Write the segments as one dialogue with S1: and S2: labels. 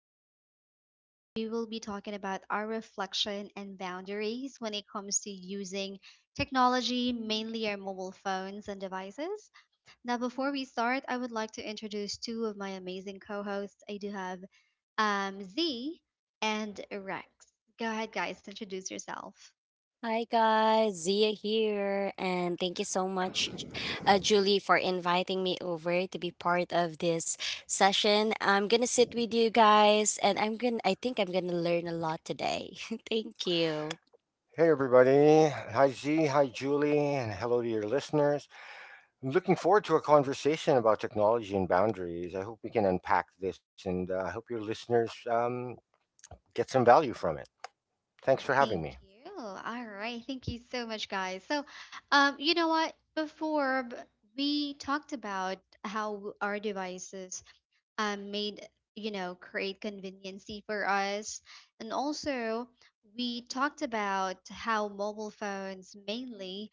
S1: for our last episode, we will be talking about our reflection and boundaries when it comes to using technology, mainly our mobile phones and devices now, before we start, I would like to introduce two of my amazing co hosts. I do have Z and Rex. Go ahead, guys, introduce yourself.
S2: Hi guys, Zia here, and thank you so much, Julie, for inviting me over to be part of this session. I'm gonna sit with you guys, and I'm gonna. I think I'm gonna learn a lot today. Thank you.
S3: Hey, everybody. Hi, Z. Hi, Julie. And hello to your listeners. I'm looking forward to a conversation about technology and boundaries. I hope we can unpack this and I hope your listeners get some value from it. Thanks for having me.
S1: Thank you. All right. Thank you so much, guys. So, you know what? We talked about how our devices um, made, you know, create conveniency for us. And also, we talked about how mobile phones mainly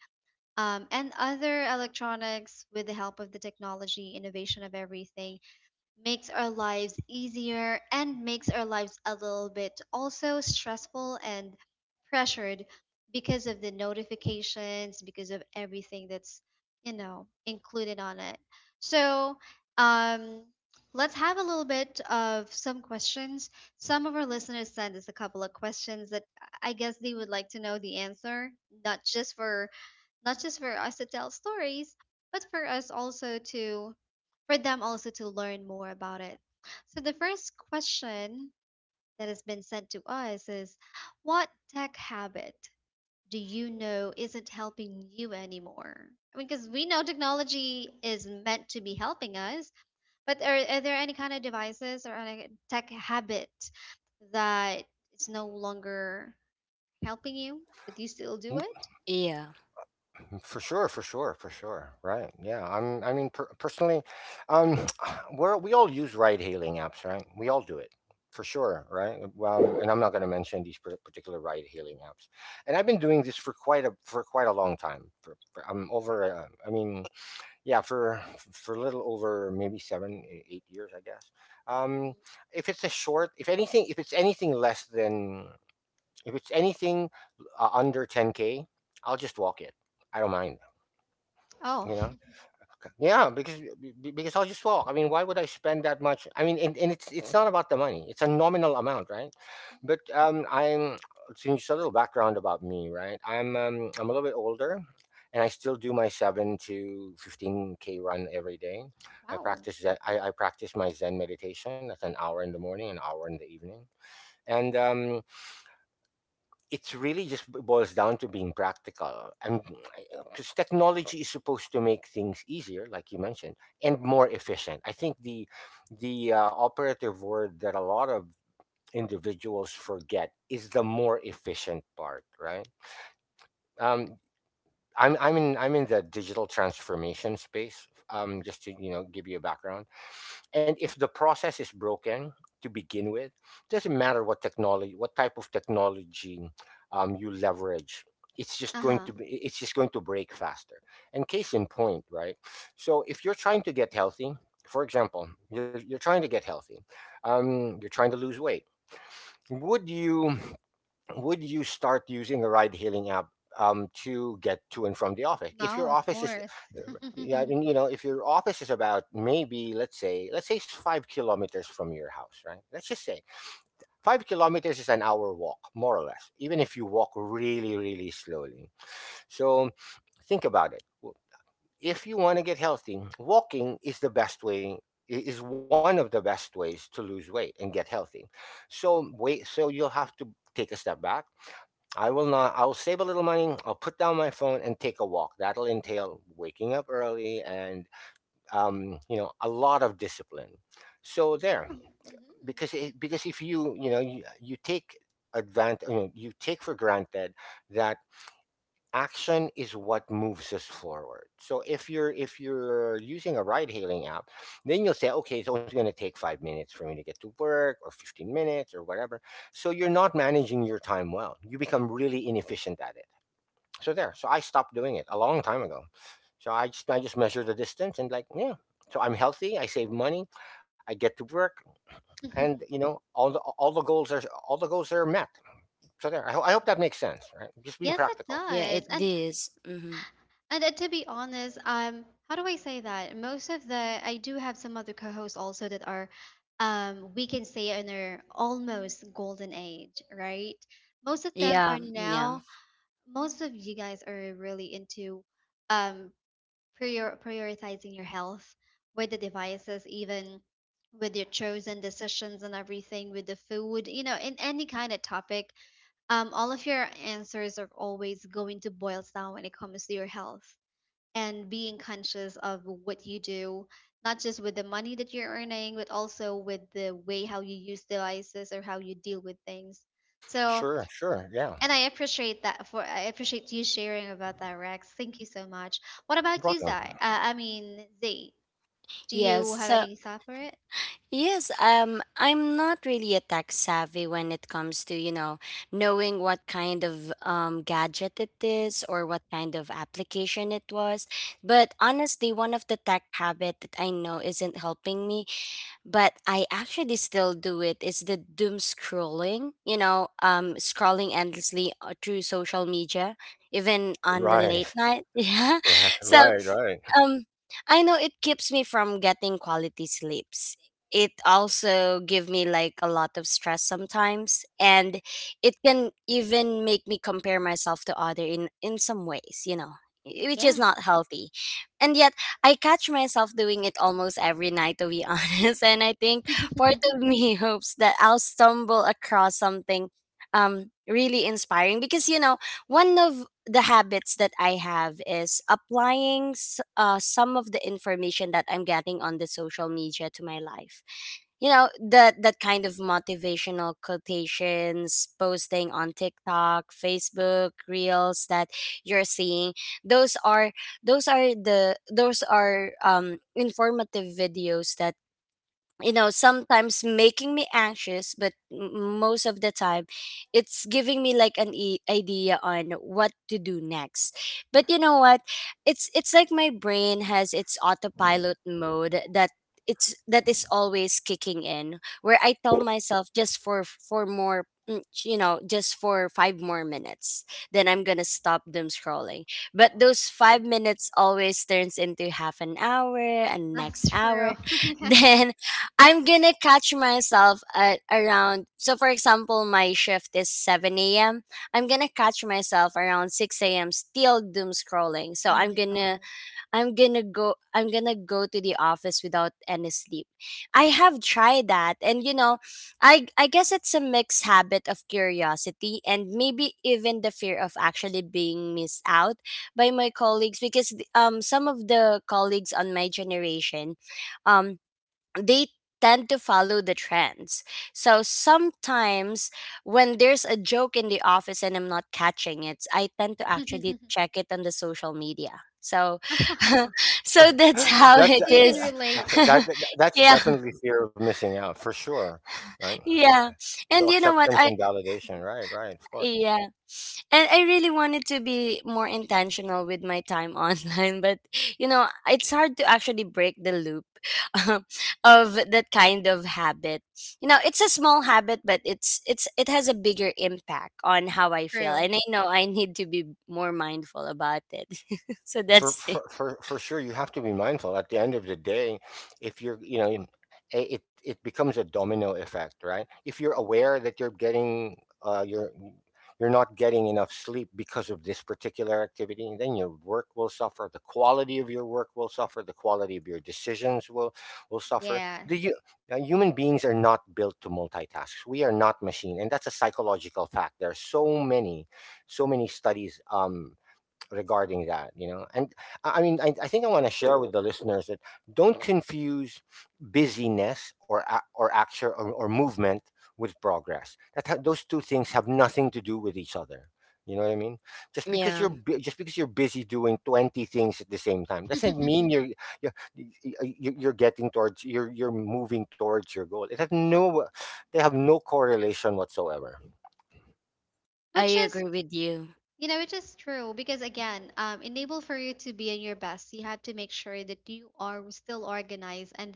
S1: and other electronics with the help of the technology, innovation of everything makes our lives easier and makes our lives a little bit also stressful and pressured because of the notifications because of everything that's included on it. So, um let's have a little bit of some questions. Some of our listeners sent us a couple of questions that I guess they would like to know the answer, not just for not just for us to tell stories, but for them also to learn more about it. So, the first question that has been sent to us is, what tech habit do you know isn't helping you anymore? I mean, because we know technology is meant to be helping us, but are there any kind of devices or any tech habit that is no longer helping you, but you still do it?
S2: Yeah,
S3: For sure, for sure, for sure. Right. Yeah. I'm I mean per- Personally, um we're we all use ride hailing apps, right? We all do it. For sure, right? Well, and I'm not going to mention these particular ride hailing apps. And I've been doing this for quite a long time. For I'm over I mean, yeah, for a little over maybe 7 8 years, I guess. Um
S1: Mhm.
S3: if it's a short, if anything if it's anything less than if it's anything under 10k, I'll just walk it. I don't mind.
S1: Oh,
S3: You know? Okay. Yeah, because I'll just walk. I mean, why would I spend that much? I mean, and it's not about the money. It's a nominal amount, right? But I'm so just a little background about me, right? I'm a little bit older, and I still do my 7 to 15 k run every day. I
S1: wow.
S3: practice Zen, I practice my Zen meditation. That's an hour in the morning, an hour in the evening, and it's really boils down to being practical. And because technology is supposed to make things easier, like you mentioned, and more efficient. I think the operative word that a lot of individuals forget is the more efficient part, right? Um, I'm in the digital transformation space. Just to give you a background, and if the process is broken to begin with, doesn't matter what technology, what type of technology you leverage.
S1: Uh huh.
S3: It's just going to break faster. And case in point, right? So if you're trying to get healthy, for example, you're trying to get healthy, you're trying to lose weight. Would you? Would you start using a ride hailing app to get to and from the office? If
S1: No,
S3: your
S1: of
S3: office is,
S1: course.
S3: uh, yeah, I mean, you know, if your office is about maybe let's say it's 5 kilometers from your house, right? Let's just say 5 kilometers is an hour walk, more or less, even if you walk really, really slowly. So think about it. If you want to get healthy, walking is the best way is one of the best ways to lose weight and get healthy. So wait, so you'll have to take a step back I will not. I'll save a little money. I'll put down my phone and take a walk. That'll entail waking up early and you know, a lot of discipline. So
S1: Yeah.
S3: there,
S1: Mhm.
S3: because if you take advantage, you know, you take for granted that action is what moves us forward. So if you're using a ride hailing app, then you'll say, okay, it's only going to take 5 minutes for me to get to work, or 15 minutes, or whatever. So you're not managing your time well. You become really inefficient at it, so there. So I stopped doing it a long time ago. So I just measure the distance and like, yeah. So I'm healthy. I save money. I get to work, and you know all the goals are all the goals are met. So there. I hope that makes sense. Right? Just being
S1: Yes, it
S3: practical.
S2: yeah,
S1: does.
S2: it is. Mm-hmm.
S1: And to be honest, how do I say that? Most of the, I do have some other co-hosts also that are, we can say in their almost golden age, right? Most of them
S2: Yeah,
S1: are
S2: yeah,
S1: now. Most of you guys are really into, um, prioritizing your health with the devices, even with your chosen decisions and everything, with the food, you know, in any kind of topic, all of your answers are always going to boil down when it comes to your health and being conscious of what you do, not just with the money that you're earning, but also with the way how you use devices or how you deal with things. So,
S3: Sure. Sure. Yeah.
S1: and I appreciate that for, I appreciate you sharing about that, Rex. Thank you so much. What about you, Zai?
S3: Welcome.
S1: I mean, Z. Do
S2: yes.
S1: you have
S2: So,
S1: any thought for it?
S2: yes, I'm not really a tech savvy when it comes to, you know, knowing what kind of gadget it is or what kind of application it was. But honestly, one of the tech habit that I know isn't helping me, but I actually still do it is the doom scrolling, scrolling endlessly through social media, even on the late
S3: Right.
S2: night. Yeah.
S3: Right.
S2: So
S3: Right. Right.
S2: um, I know it keeps me from getting quality sleeps. It also give me like a lot of stress sometimes, and it can even make me compare myself to other in some ways, which is
S1: Yeah,
S2: not healthy. And yet, I catch myself doing it almost every night, to be honest. And I think part of me hopes that I'll stumble across something really inspiring, because one of the habits that I have is applying some of the information that I'm getting on the social media to my life. You know, that kind of motivational quotations, posting on TikTok, Facebook, Reels that you're seeing, those are those are informative videos that sometimes making me anxious, but most of the time it's giving me like an idea on what to do next. But you know what, it's like my brain has its autopilot mode, that is always kicking in, where I tell myself just for more mm, you know just for 5 more minutes, then I'm going to stop them scrolling. But those 5 minutes always turns into half an hour and next
S1: that's true.
S2: hour. Then I'm gonna catch myself at around, so for example, my shift is 7 a.m. I'm gonna catch myself around 6 a.m. still doom scrolling. So
S1: Oh
S2: I'm
S1: my
S2: gonna I'm gonna go I'm gonna go to the office without any sleep. I have tried that, and I guess it's a mixed habit of curiosity and maybe even the fear of actually being missed out by my colleagues, because some of the colleagues on my generation um they tend to follow the trends. So sometimes when there's a joke in the office and I'm not catching it, I tend to
S1: god.
S2: actually check it on the social media. So so that's how
S3: That's
S2: it
S1: So you can
S2: is.
S1: relate.
S3: That's
S2: Yeah.
S3: definitely fear of missing out for sure. Right.
S2: Yeah.
S3: So
S2: And you know what?
S3: acceptance
S2: I
S3: and validation. Right. Right. Of course.
S2: Yeah. And I really wanted to be more intentional with my time online, but it's hard to actually break the loop of that kind of habit. You know, it's a small habit, but it has a bigger impact on how I feel.
S1: True.
S2: And I know I need to be more mindful about it. So that's it.
S3: For sure, you have to be mindful. At the end of the day, if you're, you know, it it becomes a domino effect, right? If you're
S1: Mhm.
S3: aware that uh, you're you're not getting enough sleep because of this particular activity, then your work will suffer. The quality of your work will suffer. The quality of your decisions will suffer.
S1: Yeah.
S3: Human beings are not built to multitask. We are not machine, and that's a psychological fact. There are so many, so many studies. Regarding that, you know, and I think I want to share with the listeners that don't confuse busyness or or action or movement with progress. Those two things have nothing to do with each other, you know what I mean?
S2: Yeah,
S3: Just because you're busy doing 20 things at the same time doesn't mean you're, you're moving towards your goal. It has no— they have no correlation whatsoever.
S2: I
S1: Which is,
S2: agree with you.
S1: you know, which is true because again, enable for you to be in your best, you have to make sure that you are still organized and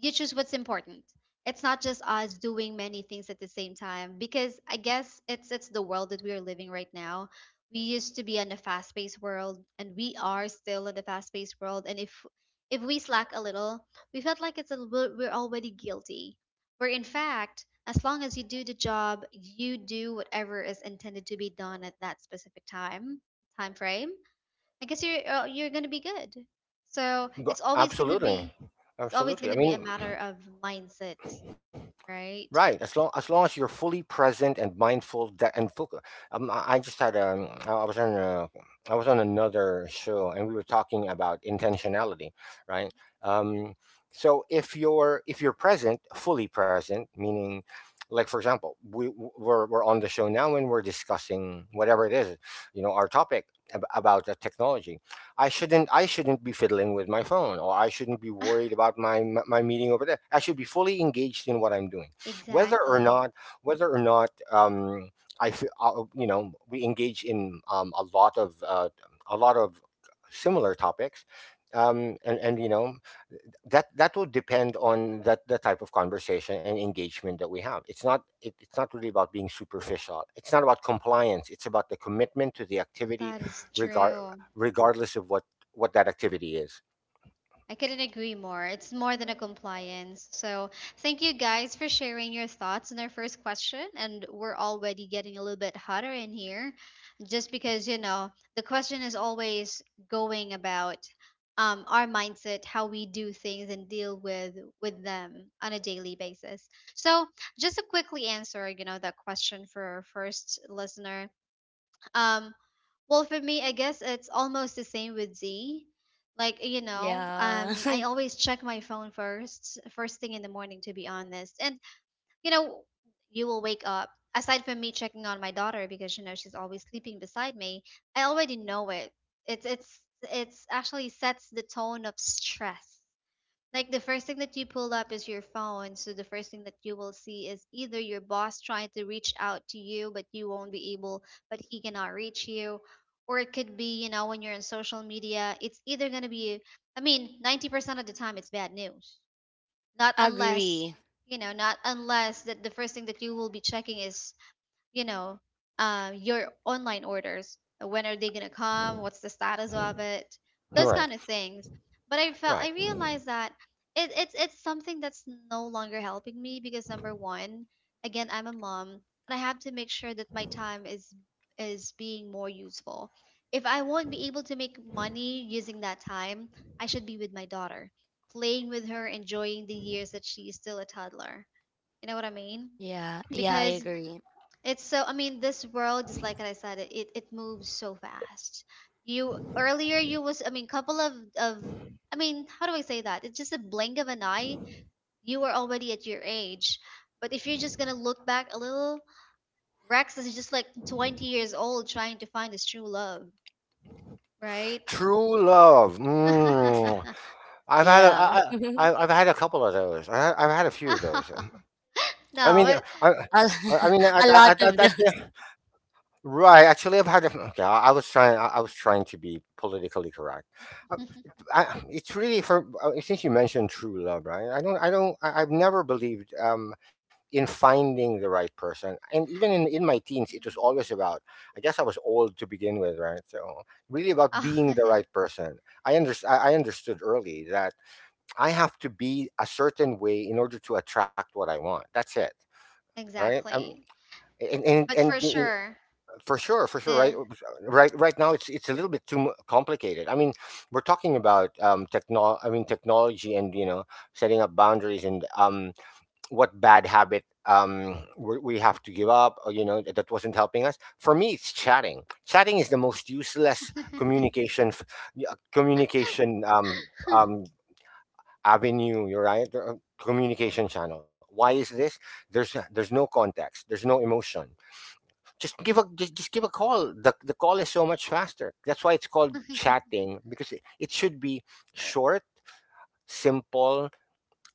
S1: you choose what's important. It's not just us doing many things at the same time because I guess it's the world that we are living right now. We used to be in a fast-paced world and we are still in a fast-paced world, and if we slack a little, we felt like it's a, we we're already guilty. Where in fact, as long as you do the job, you do whatever is intended to be done at that specific time frame, I guess you're gonna be good. So
S3: But absolutely,
S1: it's always
S3: absolutely.
S1: gonna
S3: I
S1: be a
S3: mean,
S1: matter of mindset, right?
S3: right, as long as you're fully present and mindful, that and focus. I just had, I was on a, I was on another show and we were talking about intentionality, right? Um, so if you're present, fully present, meaning, like for example, we're on the show now and we're discussing whatever it is, you know, our topic about the technology. I shouldn't be fiddling with my phone, or I shouldn't be worried about my meeting over there. I should be fully engaged in what I'm doing, whether or
S1: Exactly.
S3: not, whether or not um, I you know, we engage in a lot of similar topics, and, you know, that that will depend on that the type of conversation and engagement that we have. It's not really about being superficial. It's not about compliance. It's about the commitment to the activity,
S1: That is
S3: regard
S1: true.
S3: regardless of what that activity is.
S1: I couldn't agree more. It's more than a compliance. So, thank you guys for sharing your thoughts on our first question. And we're already getting a little bit hotter in here just because, you know, the question is always going about our mindset, how we do things and deal with them on a daily basis. So, just to quickly answer, you know, that question for our first listener. Um, well, for me, I guess it's almost the same with Z. Like, you know,
S2: Yeah.
S1: I always check my phone first, first thing in the morning, to be honest. And, you know, you will wake up. Aside from me checking on my daughter because, you know, she's always sleeping beside me, I already know it. It's, it's, it's actually sets the tone of stress. Like the first thing that you pull up is your phone. So the first thing that you will see is either your boss trying to reach out to you, but you won't be able, but he cannot reach you. Or it could be, you know, when you're on social media, it's either going to be, I mean, 90% of the time it's bad news. Not unless,
S2: Agree.
S1: you know, not unless that the first thing that you
S3: Right.
S1: will be checking is, you know, your online orders. When are they gonna come? What's the status of it? Those
S3: Right.
S1: kind of things. But I felt, I
S3: Right.
S1: realized that it's something that's no longer helping me because number one, again, I'm a mom and I have to make sure that my time is being more useful. If I won't be able to make money using that time, I should be with my daughter, playing with her, enjoying the years that she's still a toddler. You know what I mean?
S2: Yeah. Yeah, I
S1: Because
S2: agree.
S1: it's so, I mean, this world, just like I said, it moves so fast. You earlier, you was, I mean, of, I mean, how do I say that? It's just a blink of an eye. You were already at your age. But if you're just gonna look back a little, Rex is just like 20 years old trying to find his true love, right?
S3: True love. Mm. I've had a,
S2: Yeah. A,
S3: I've had a couple of those. I've had a few of those. I mean,
S1: No, but
S3: I mean,
S2: a lot
S3: I-
S2: of them.
S3: yeah, right. Actually, I've had. A, okay, I was trying. I was trying to be politically correct. Uh, it's really for, since you mentioned true love, right? I don't. I don't. I've never believed in finding the right person, and even in my teens, it was always
S1: Mhm.
S3: about— I guess I was old to begin with, right? So really about
S1: Ah,
S3: being the right person. I understood early that I have to be a certain way in order to attract what I want. That's it, right?
S1: exactly.
S3: And and,
S1: But for
S3: and in-
S1: sure,
S3: for sure, for sure, right,
S1: the
S3: right, right now it's a little bit complicated. I mean, we're talking about I mean technology, and you know, setting up boundaries and what bad habit we have to give up, or you know, that that wasn't helping us. For me, it's chatting. Chatting is the most useless communication f- y- communication avenue you're right communication channel. Why is this? There's no context, there's no emotion. Just give a call. The call is so much faster. That's why it's called chatting, because it should be short, simple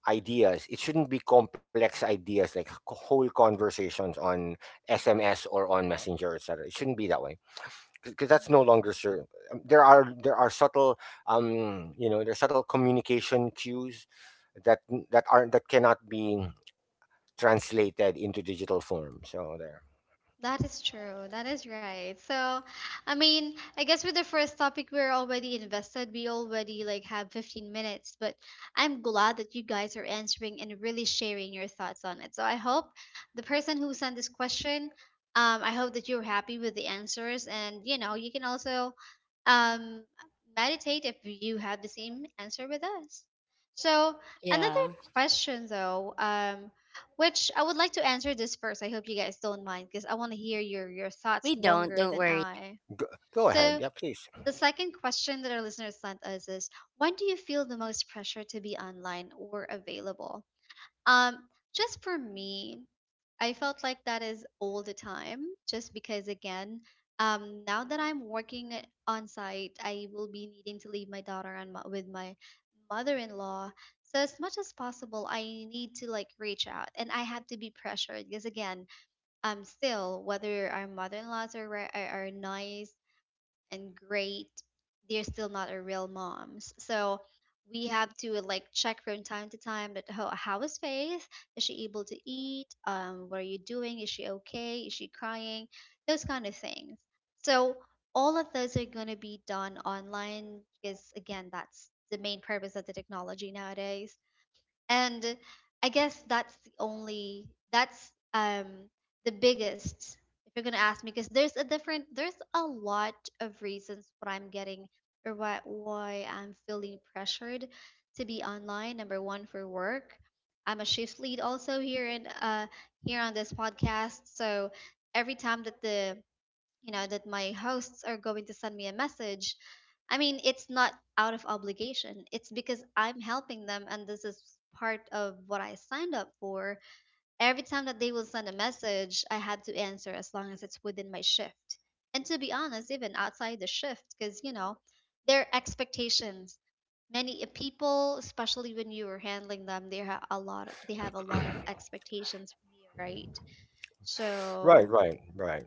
S3: ideas. It shouldn't be complex ideas like whole conversations on SMS or on Messenger, etc. It shouldn't be that way, because that's no longer
S1: Mhm.
S3: served. There are subtle, you know, there are subtle communication cues that that aren't that cannot be translated into digital form. So there.
S1: That is true. That is right. So, I mean, I guess with the first topic, we're already invested. We already like have 15 minutes, but I'm glad that you guys are answering and really sharing your thoughts on it. So I hope the person who sent this question, I hope that you're happy with the answers, and you know, you can also um, meditate if you have the same answer with us. So another
S2: Yeah.
S1: question though, which I would like to answer this first. I hope you guys don't mind because I want to hear your thoughts
S2: We don't.
S1: longer
S2: Don't
S1: than
S2: worry.
S1: I.
S3: Go, go ahead.
S1: So
S3: Yeah, please.
S1: the second question that our listeners sent us is, when do you feel the most pressure to be online or available? Um just for me, I felt like that is all the time, just because again, now that I'm working on site, I will be needing to leave my daughter and with my mother-in-law. So as much as possible, I need to like reach out, and I had to be pressured because again, still whether our mother-in-laws are nice and great, they're still not a real moms. So we have to like check from time to time that how is Faith? Is she able to eat? What are you doing? Is she okay? Is she crying? Those kind of things. So all of those are going to be done online because again, that's the main purpose of the technology nowadays, and I guess that's the only that's, the biggest, if you're gonna ask me, because there's a different, there's a lot of reasons what I'm getting or why I'm feeling pressured to be online. Number one, for work, I'm a shift lead also here in here on this podcast. So every time that the you know that my hosts are going to send me a message, I mean, it's not out of obligation, it's because I'm helping them and this is part of what I signed up for. Every time that they will send a message, I have to answer as long as it's within my shift, and to be honest, even outside the shift because you know their expectations, many people especially when you are handling them, they have a lot of expectations from you, right?
S3: Right,
S1: So
S3: right, right.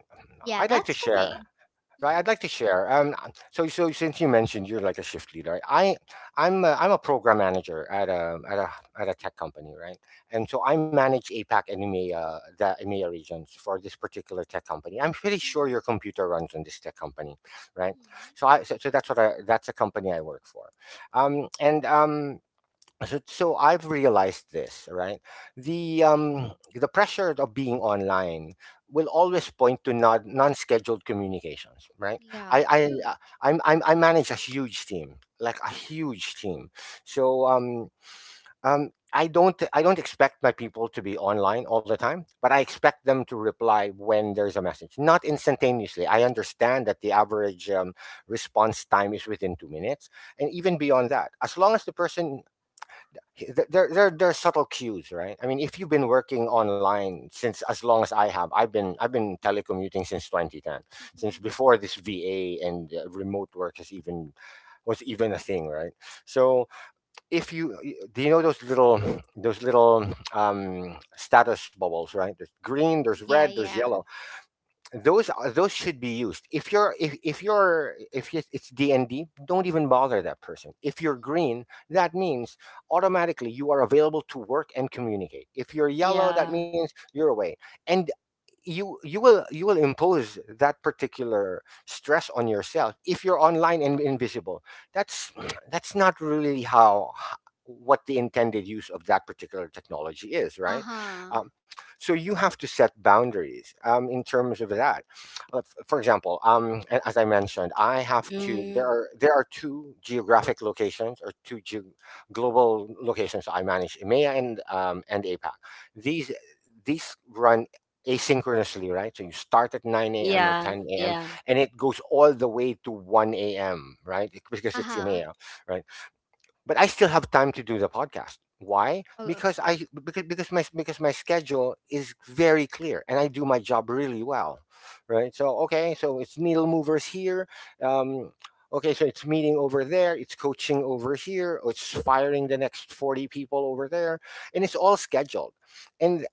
S1: yeah,
S3: I'd like to
S1: that's for
S3: share.
S1: me.
S3: Right, I'd
S1: Mhm.
S3: like to share. So, so since you mentioned you're like a shift leader, I'm a program manager at a at a at a tech company, right? And so I manage APAC and EMEA, the EMEA regions for this particular tech company. I'm pretty sure your
S1: Mhm.
S3: computer runs on this tech company, right?
S1: Mhm.
S3: So that's what I that's a company I work for, and so, so I've realized this, right? The pressure of being online will always point to non-scheduled communications, right?
S1: Yeah,
S3: I I
S1: true.
S3: uh, I'm I manage a huge team, like a huge team. So I don't expect my people to be online all the time, but I expect them to reply when there's a message, not instantaneously. I understand that the average response time is within 2 minutes, and even beyond that, as long as the person there are subtle cues, right? I mean, if you've been working online since as long as I have, I've been telecommuting since 2010, since before this va, and remote work has even was even a thing, right? So if you do you know those little those little status bubbles, right? There's green, there's red,
S1: Yeah,
S3: there's
S1: yeah.
S3: yellow. Those should be used if you're if you're if it's D, and D, don't even bother that person. If you're green, that means automatically you are available to work and communicate. If you're yellow, that
S2: Yeah.
S3: means you're away, and you will you will impose that particular stress on yourself if you're online and invisible. That's that's not really how what the intended use of that particular technology is, right?
S1: Uh-huh.
S3: um, so you have to set boundaries in terms of that. For example, as I mentioned, I have to there
S2: Hmm.
S3: are two geographic locations or global locations I manage, EMEA and APAC. These these run asynchronously, right? So you start at 9 a.m. or
S2: Yeah.
S3: 10 a.m.
S2: Yeah.
S3: and it goes all the way to 1 a.m., right? Because it's
S1: Uh-huh.
S3: email, right? But I still have time to do the podcast. Why?
S1: Oh, of-
S3: Because I because my schedule is very clear and I do my job really well, right? So okay, so it's needle movers here. Um, okay, so it's meeting over there, it's coaching over here, it's firing the next 40 people over there, and it's all scheduled. And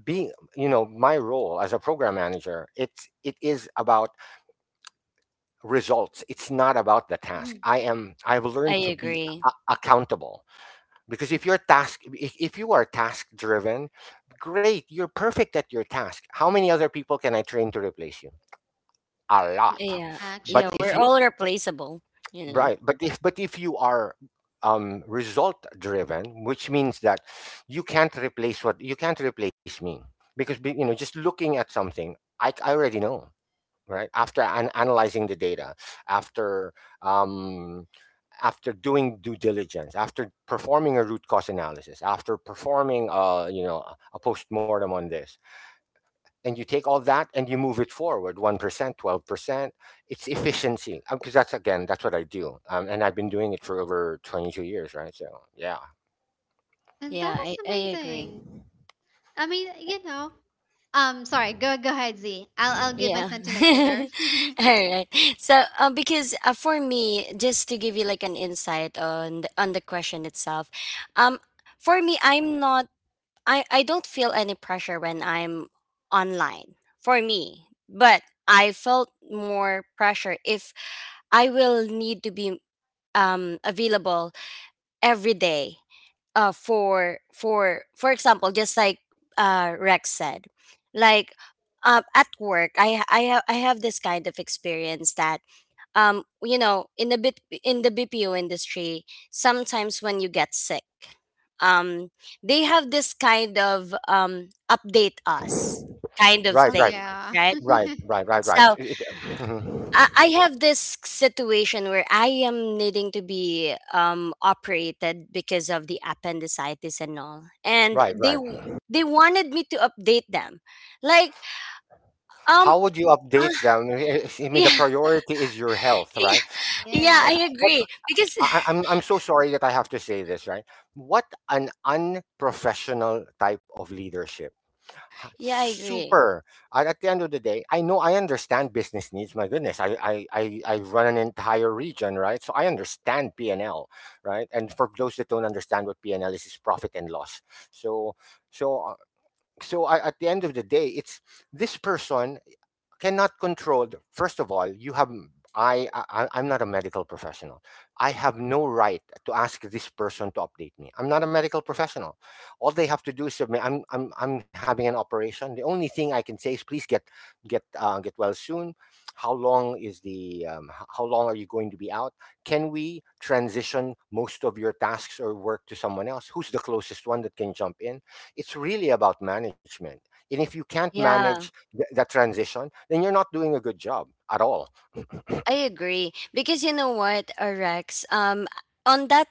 S3: being, you know, my role as a program manager, it's it is about results. It's not about the
S1: mhm.
S3: task.
S1: Mhm.
S3: I've
S2: I
S3: learned to be
S2: agree.
S3: accountable, because if you're task if you are task driven great, you're perfect at your task. How many other people can I train to replace you? A
S1: Yeah,
S3: lot.
S2: Yeah.
S3: But
S2: Yeah.
S3: if
S2: We're
S1: actually.
S3: you,
S2: all replaceable, you know.
S3: right, but if you are result driven which means that you can't replace me, because you know, just looking at something, I already know, right, after analyzing the data, after um, after doing due diligence, after performing a root cause analysis, after performing, you know, a post-mortem on this, and you take all that and you move it forward, 1%, 12%. It's efficiency, because that's, again, that's what I do, and I've been doing it for over 22 years, right? So yeah.
S1: And
S2: Yeah.
S1: that
S2: I,
S1: is
S2: I agree.
S1: amazing. I mean, you know, sorry, go ahead, Z. I'll give my
S2: Yeah.
S1: sentiments later.
S2: All right. So, because for me, just to give you like an insight on the question itself, um, for me, I'm not. I don't feel any pressure when I'm online. For me, but I felt more pressure if I will need to be available every day, for example, just like Rex said, like at work, I have this kind of experience that, in the bit in the BPO industry, sometimes when you get sick, um, they have this kind of update us kind of
S1: Oh
S3: right right
S2: thing,
S1: yeah.
S2: right?
S3: right right right right right
S2: So
S3: it,
S2: I
S3: it-
S2: I have this situation where I am needing to be operated because of the appendicitis and all, and
S3: right right
S2: they wanted me to update them, like um
S3: How would you
S2: uh,
S3: update them? I mean, the
S2: yeah,
S3: priority is your health,
S2: yeah,
S3: right?
S2: yeah, I
S3: That-
S1: Yeah.
S3: what
S2: agree, because
S3: I- am I'm so sorry that I have to say this, right? What an unprofessional type of leadership.
S2: yeah, I agree.
S3: Super. At the end of the day, I know, I understand business needs. My goodness, I run an entire region, right? So I understand P and L, right? And for those that don't understand what P and L is, it's profit and loss. So so uh, so I, at the end of the day, it's this person cannot control first of all, you have I'm not a medical professional, I have no right to ask this person to update me. I'm not a medical professional. All they have to do is submit, I'm having an operation. The only thing I can say is please get get well soon. How long is the how long are you going to be out? Can we transition most of your tasks or work to someone else? Who's the closest one that can jump in? It's really about management, and if you can't
S2: Yeah,
S3: manage that transition, then you're not doing a good job at all.
S2: I agree, because you know what, Rex, on that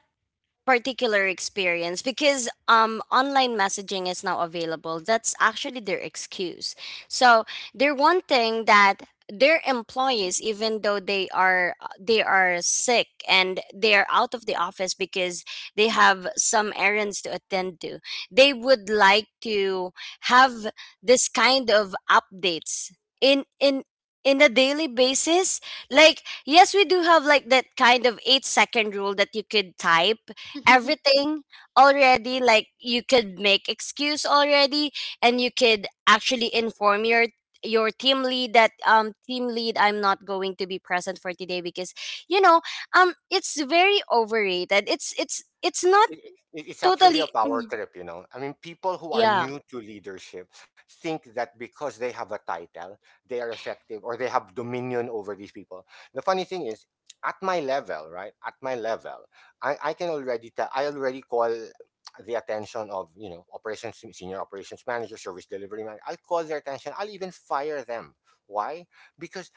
S2: particular experience, because online messaging is now available, that's actually their excuse. So they're wanting that their employees, even though they are sick and they are out of the office because they have some errands to attend to, they would like to have this kind of updates in in in a daily basis. Like, yes, we do have like that kind of 8-second rule, that you could type everything already, like you could make excuse already, and you could actually inform your team lead that, team lead, I'm not going to be present for today, because you know it's very overrated. It's not
S3: it, it- it's actually a
S2: totally.
S3: power
S2: Mm,
S3: trip, you know. I mean, people who are
S2: yeah,
S3: new to leadership think that because they have a title, they are effective or they have dominion over these people. The funny thing is, at my level, right? At my level, I can already tell, I already call the attention of, you know, operations, senior operations manager, service delivery manager. I'll call their attention. I'll even fire them. Why? Because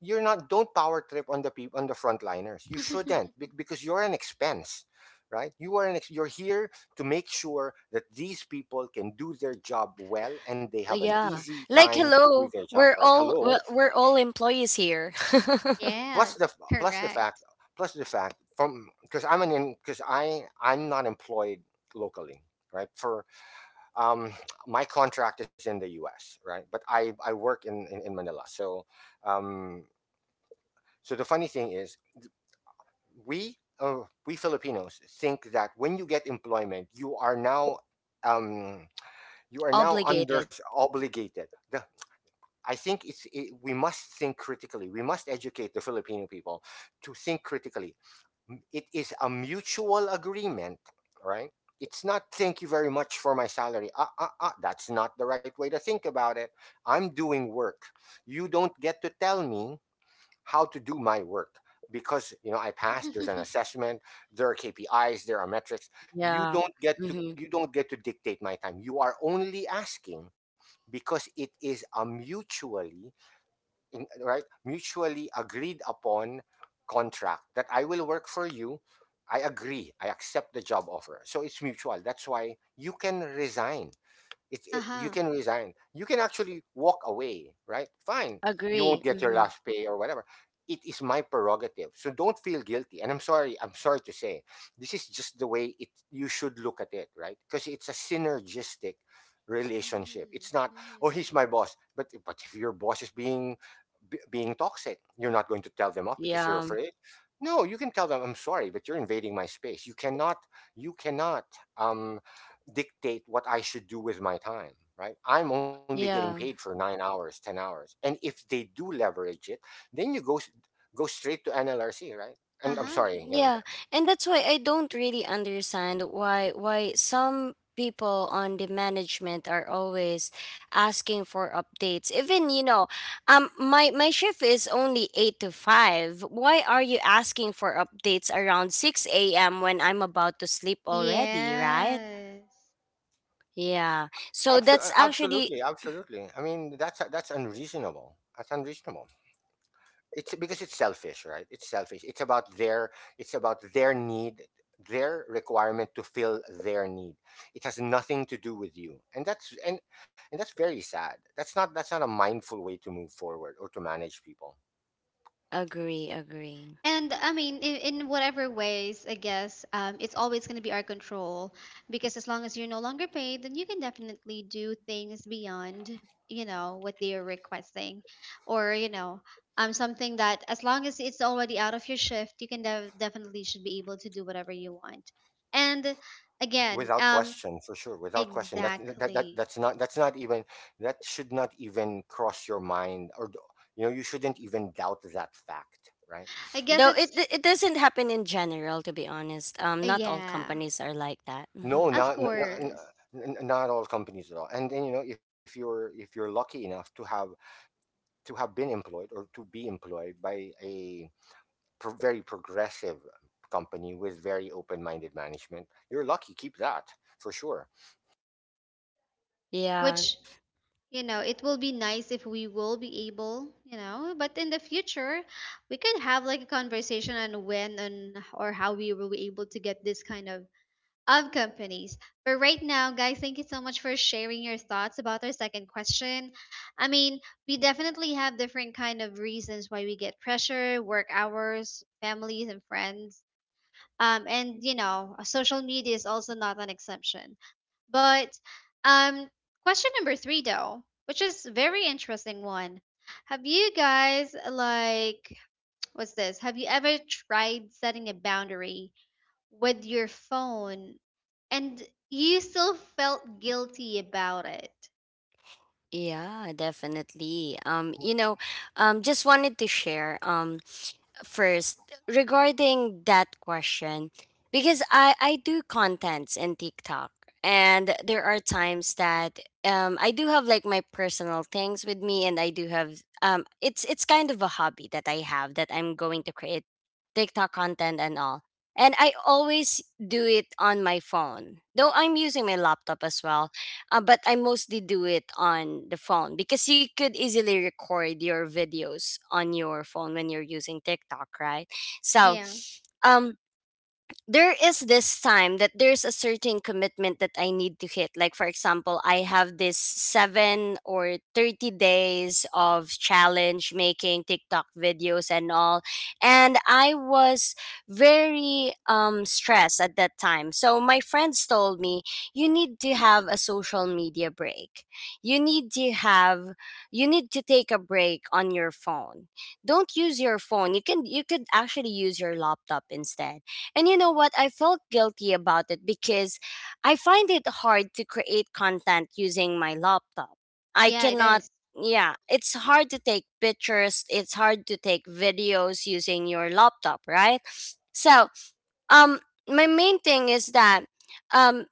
S3: you're not don't power trip on the people on the frontliners. You shouldn't, because you're an expense, right? You are you're here to make sure that these people can do their job well and they have an
S2: yeah.
S3: easy
S2: Like,
S3: time to do
S2: hello,
S3: their job,
S2: we're
S3: right?
S2: all
S3: Hello.
S2: we're, we're all employees here.
S3: plus the
S1: Yes,
S3: f- the fact,
S1: correct.
S3: plus the fact from because I'm an because I'm not employed locally, right? For um my contract is in the US, right? But I work in in Manila. So um so the funny thing is, we, we Filipinos think that when you get employment, um you are now under
S2: Obligated,
S3: obligated. I think we must think critically. We must educate the Filipino people to think critically. It is a mutual agreement, right? It's not, thank you very much for my salary. That's not the right way to think about it. I'm doing work. You don't get to tell me how to do my work because, you know, I passed, there's an assessment, there are KPIs, there are metrics. you
S2: yeah.
S3: don't get to
S2: Mm-hmm.
S3: you don't get to dictate my time. You are only asking because it is a mutually right, mutually agreed upon contract that I will work for you. I agree, I accept the job offer, so it's mutual. That's why you can resign. You
S1: Uh-huh.
S3: can resign, you can actually walk away, right? Fine. You
S2: Agree.
S3: won't get your
S2: Mm-hmm.
S3: last pay or whatever. It is my prerogative. So don't feel guilty, and I'm sorry, to say, this is just the way it, you should look at it, right? Because it's a synergistic relationship.
S1: Mhm.
S3: It's not, oh,
S1: Mhm.
S3: he's my boss. But if your boss is being being toxic, you're not going to tell them off because you're
S2: Yeah,
S3: afraid. No, you can tell them, I'm sorry, but you're invading my space. You cannot you cannot um dictate what I should do with my time, right? I'm only getting paid for
S2: yeah.
S3: 9 hours, 10 hours. And if they do leverage it, then you go go straight to NLRC, right? And I'm
S1: Uh-huh.
S3: sorry, you know, that,
S2: Yeah, and that's why I don't really understand why some people on the management are always asking for updates. Even, my shift is only 8 to 5. Why are you asking for updates around 6 a.m. when I'm about to sleep already, right?
S1: Yes.
S2: Yeah. So
S3: absolutely,
S2: that's actually.
S3: absolutely, absolutely. I mean, that's unreasonable. That's unreasonable. It's because it's selfish, right? It's selfish. It's about their need, their requirement to fill their need. It has nothing to do with you. And that's, and that's very sad. That's not, that's not a mindful way to move forward or to manage people.
S2: Agree, agree.
S1: And I mean, in whatever ways, I guess, it's always going to be our control because as long as you're no longer paid, then you can definitely do things beyond, what they are requesting or something that, as long as it's already out of your shift, you can definitely should be able to do whatever you want. And again,
S3: Without question, for sure, without question, that that
S1: exactly.
S3: that's not, that's not even that should not even cross your mind, or, you know, you shouldn't even doubt that fact, right?
S1: I guess
S2: Though it
S1: it's,
S2: it doesn't happen in general, to be honest. Not all
S1: yeah,
S2: companies are like that.
S3: No,
S2: Mhm.
S1: of
S3: not not,
S1: course,
S3: not all companies at all. And then, you know, if you're, if you're lucky enough to have been employed or to be employed by a very progressive company with very open-minded management, you're lucky. Keep that, for sure.
S2: Yeah.
S1: which, you know, it will be nice if we will be able, you know, but in the future we could have like a conversation on when and or how we will be able to get this kind of companies. But right now, guys, thank you so much for sharing your thoughts about our second question. I mean, we definitely have different kind of reasons why we get pressure: work hours, families, and friends. And you know, social media is also not an exception. But um question number 3, though, which is very interesting one. Have you guys, like, what's this? Have you ever tried setting a boundary with your phone and you still felt guilty about it?
S2: Yeah, definitely. Just wanted to share, first, regarding that question, because I do contents in TikTok, and there are times that I do have like my personal things with me, and I do have it's kind of a hobby that I have, that I'm going to create TikTok content and all. And I always do it on my phone. Though I'm using my laptop as well, but I mostly do it on the phone, because you could easily record your videos on your phone when you're using TikTok, right? So,
S1: Yeah.
S2: um, there is this time that there's a certain commitment that I need to hit. Like, for example, I have this seven or 30 days of challenge making TikTok videos and all. And I was very stressed at that time. So, my friends told me, you need to have a social media break. You need to have, you need to take a break on your phone. Don't use your phone. You could actually use your laptop instead. And you know what? I felt guilty about it, because I find it hard to create content using my laptop. I
S1: Yeah, it
S2: cannot,
S1: is.
S2: yeah, it's hard to take pictures, it's hard to take videos using your laptop, right? So, um, my main thing is that, um,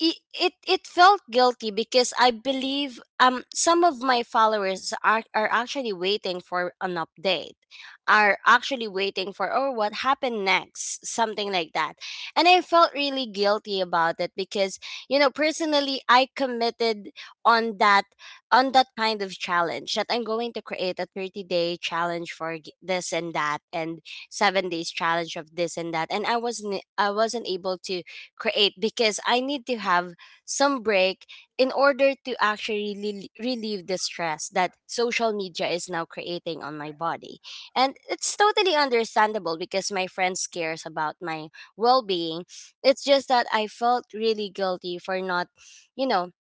S2: it felt guilty, because I believe some of my followers are actually waiting for an update, are actually waiting for, oh, what happened next, something like that, and I felt really guilty about it, because personally I committed on that on that kind of challenge, that I'm going to create a 30-day challenge for this and that, and 7 days challenge of this and that, and I wasn't able to create, because I need to have some break in order to actually relieve the stress that social media is now creating on my body. And it's totally understandable, because my friends cares about my well-being. It's just that I felt really guilty for not, you know,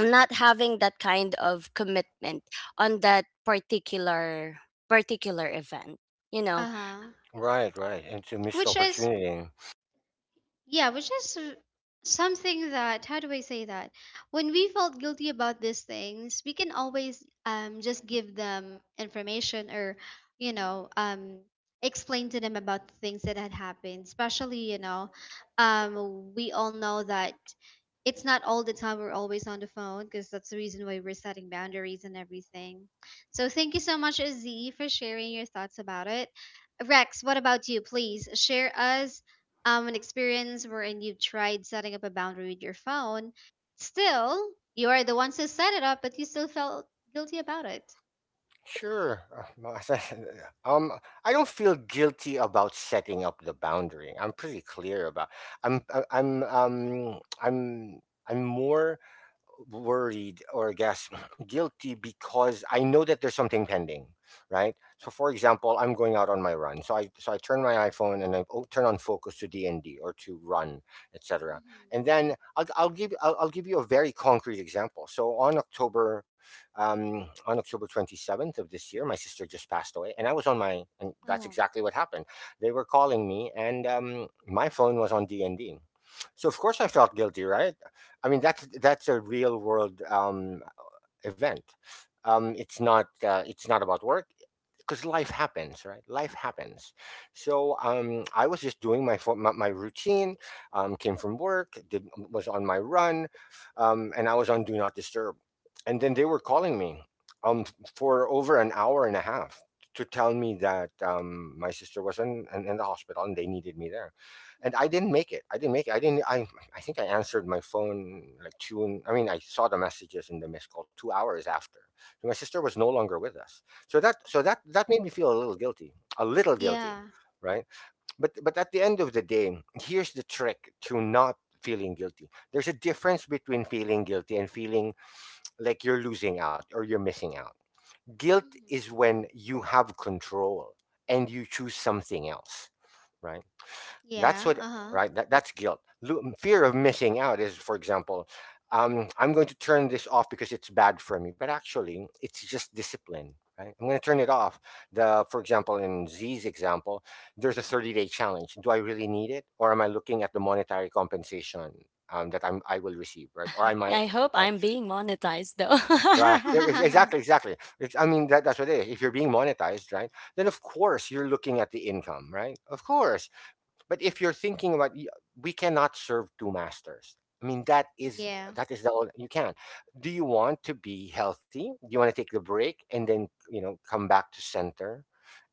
S2: not having that kind of commitment on that particular event you know
S1: Uh-huh.
S3: Right, right. And to missed
S1: Which is,
S3: opportunity.
S1: yeah, which is something that, how do I say that? When we felt guilty about these things, we can always, just give them information or, you know, um, explain to them about the things that had happened. Especially, you know, we all know that it's not all the time we're always on the phone, because that's the reason why we're setting boundaries and everything. So thank you so much, Z, for sharing your thoughts about it. Rex, what about you? Please share us an experience wherein you've tried setting up a boundary with your phone. Still, you are the ones who set it up, but you still felt guilty about it.
S3: Sure. Well, as I said, Um, I don't feel guilty about setting up the boundary. I'm pretty clear about. I'm I'm more worried, or I guess guilty because I know that there's something pending, right? So for example, I'm going out on my run. So I turn my iPhone and turn on focus to DND or to run, etc.
S1: Mm-hmm.
S3: And then I'll give I'll give you a very concrete example. So on October on October 27th of this year, my sister just passed away, and I was on my, and that's
S1: Oh.
S3: exactly what happened. They were calling me, and my phone was on DND. So of course I felt guilty, right? I mean, that's a real world event. It's not about work because life happens, right? Life happens. So I was just doing my my routine, came from work, did, was on my run, and I was on do not disturb, and then they were calling me um for over an hour and a half to tell me that, my sister was in, in the hospital and they needed me there, and I didn't make it, I didn't make it, I didn't I think I answered my phone like two, and I mean, I saw the messages in the missed call 2 hours after. So my sister was no longer with us. So that,
S1: Oh,
S3: that made me feel a little guilty,
S1: yeah.
S3: right? But at the end of the day, here's the trick to not feeling guilty. There's a difference between feeling guilty and feeling like you're losing out or you're missing out. Guilt
S1: Mm-hmm.
S3: is when you have control and you choose something else, right? That's
S1: Yeah,
S3: what,
S1: uh
S3: right? That's guilt. Fear of missing out is, for example, I'm going to turn this off because it's bad for me, but actually, it's just discipline, right? I'm going to turn it off. For example, in Z's example, there's a 30-day challenge. Do I really need it, or am I looking at the monetary compensation, that I will receive, right? Or I might,
S2: I hope
S3: right.
S2: I'm being monetized though.
S3: Right? Yeah,
S1: huh.
S3: exactly, exactly. I mean, that's what it is. If you're being monetized, right, then of course you're looking at the income, right? Of course, but if you're thinking about, we cannot serve two masters. I mean, that is
S1: Yeah.
S3: the only, you can. Do you want to be healthy? Do you want to take the break and then come back to center,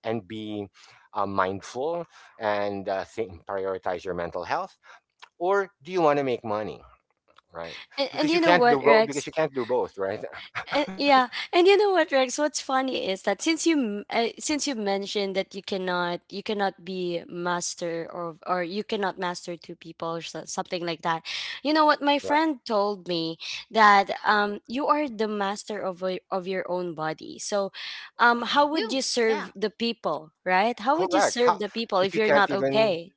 S3: and be mindful and think, prioritize your mental health, or do you want to make money? Right?
S2: And
S3: Because you
S2: you know
S1: Mm-hmm.
S3: can't do
S2: what,
S3: both. Because
S2: Rex?
S3: you can't do both. Right?
S2: Yeah, and you know what, Rex? What's funny is that since you mentioned that you cannot be master, or you cannot master two people or something like that. You know what? My
S3: Right.
S2: friend told me that you are the master of your own body. So, how would
S1: You,
S2: you
S1: yeah.
S2: serve the people, right? How would you
S3: Correct.
S2: serve
S3: How,
S2: the people
S3: if
S2: if
S3: you
S2: you're
S3: can't
S2: not
S3: even,
S2: okay?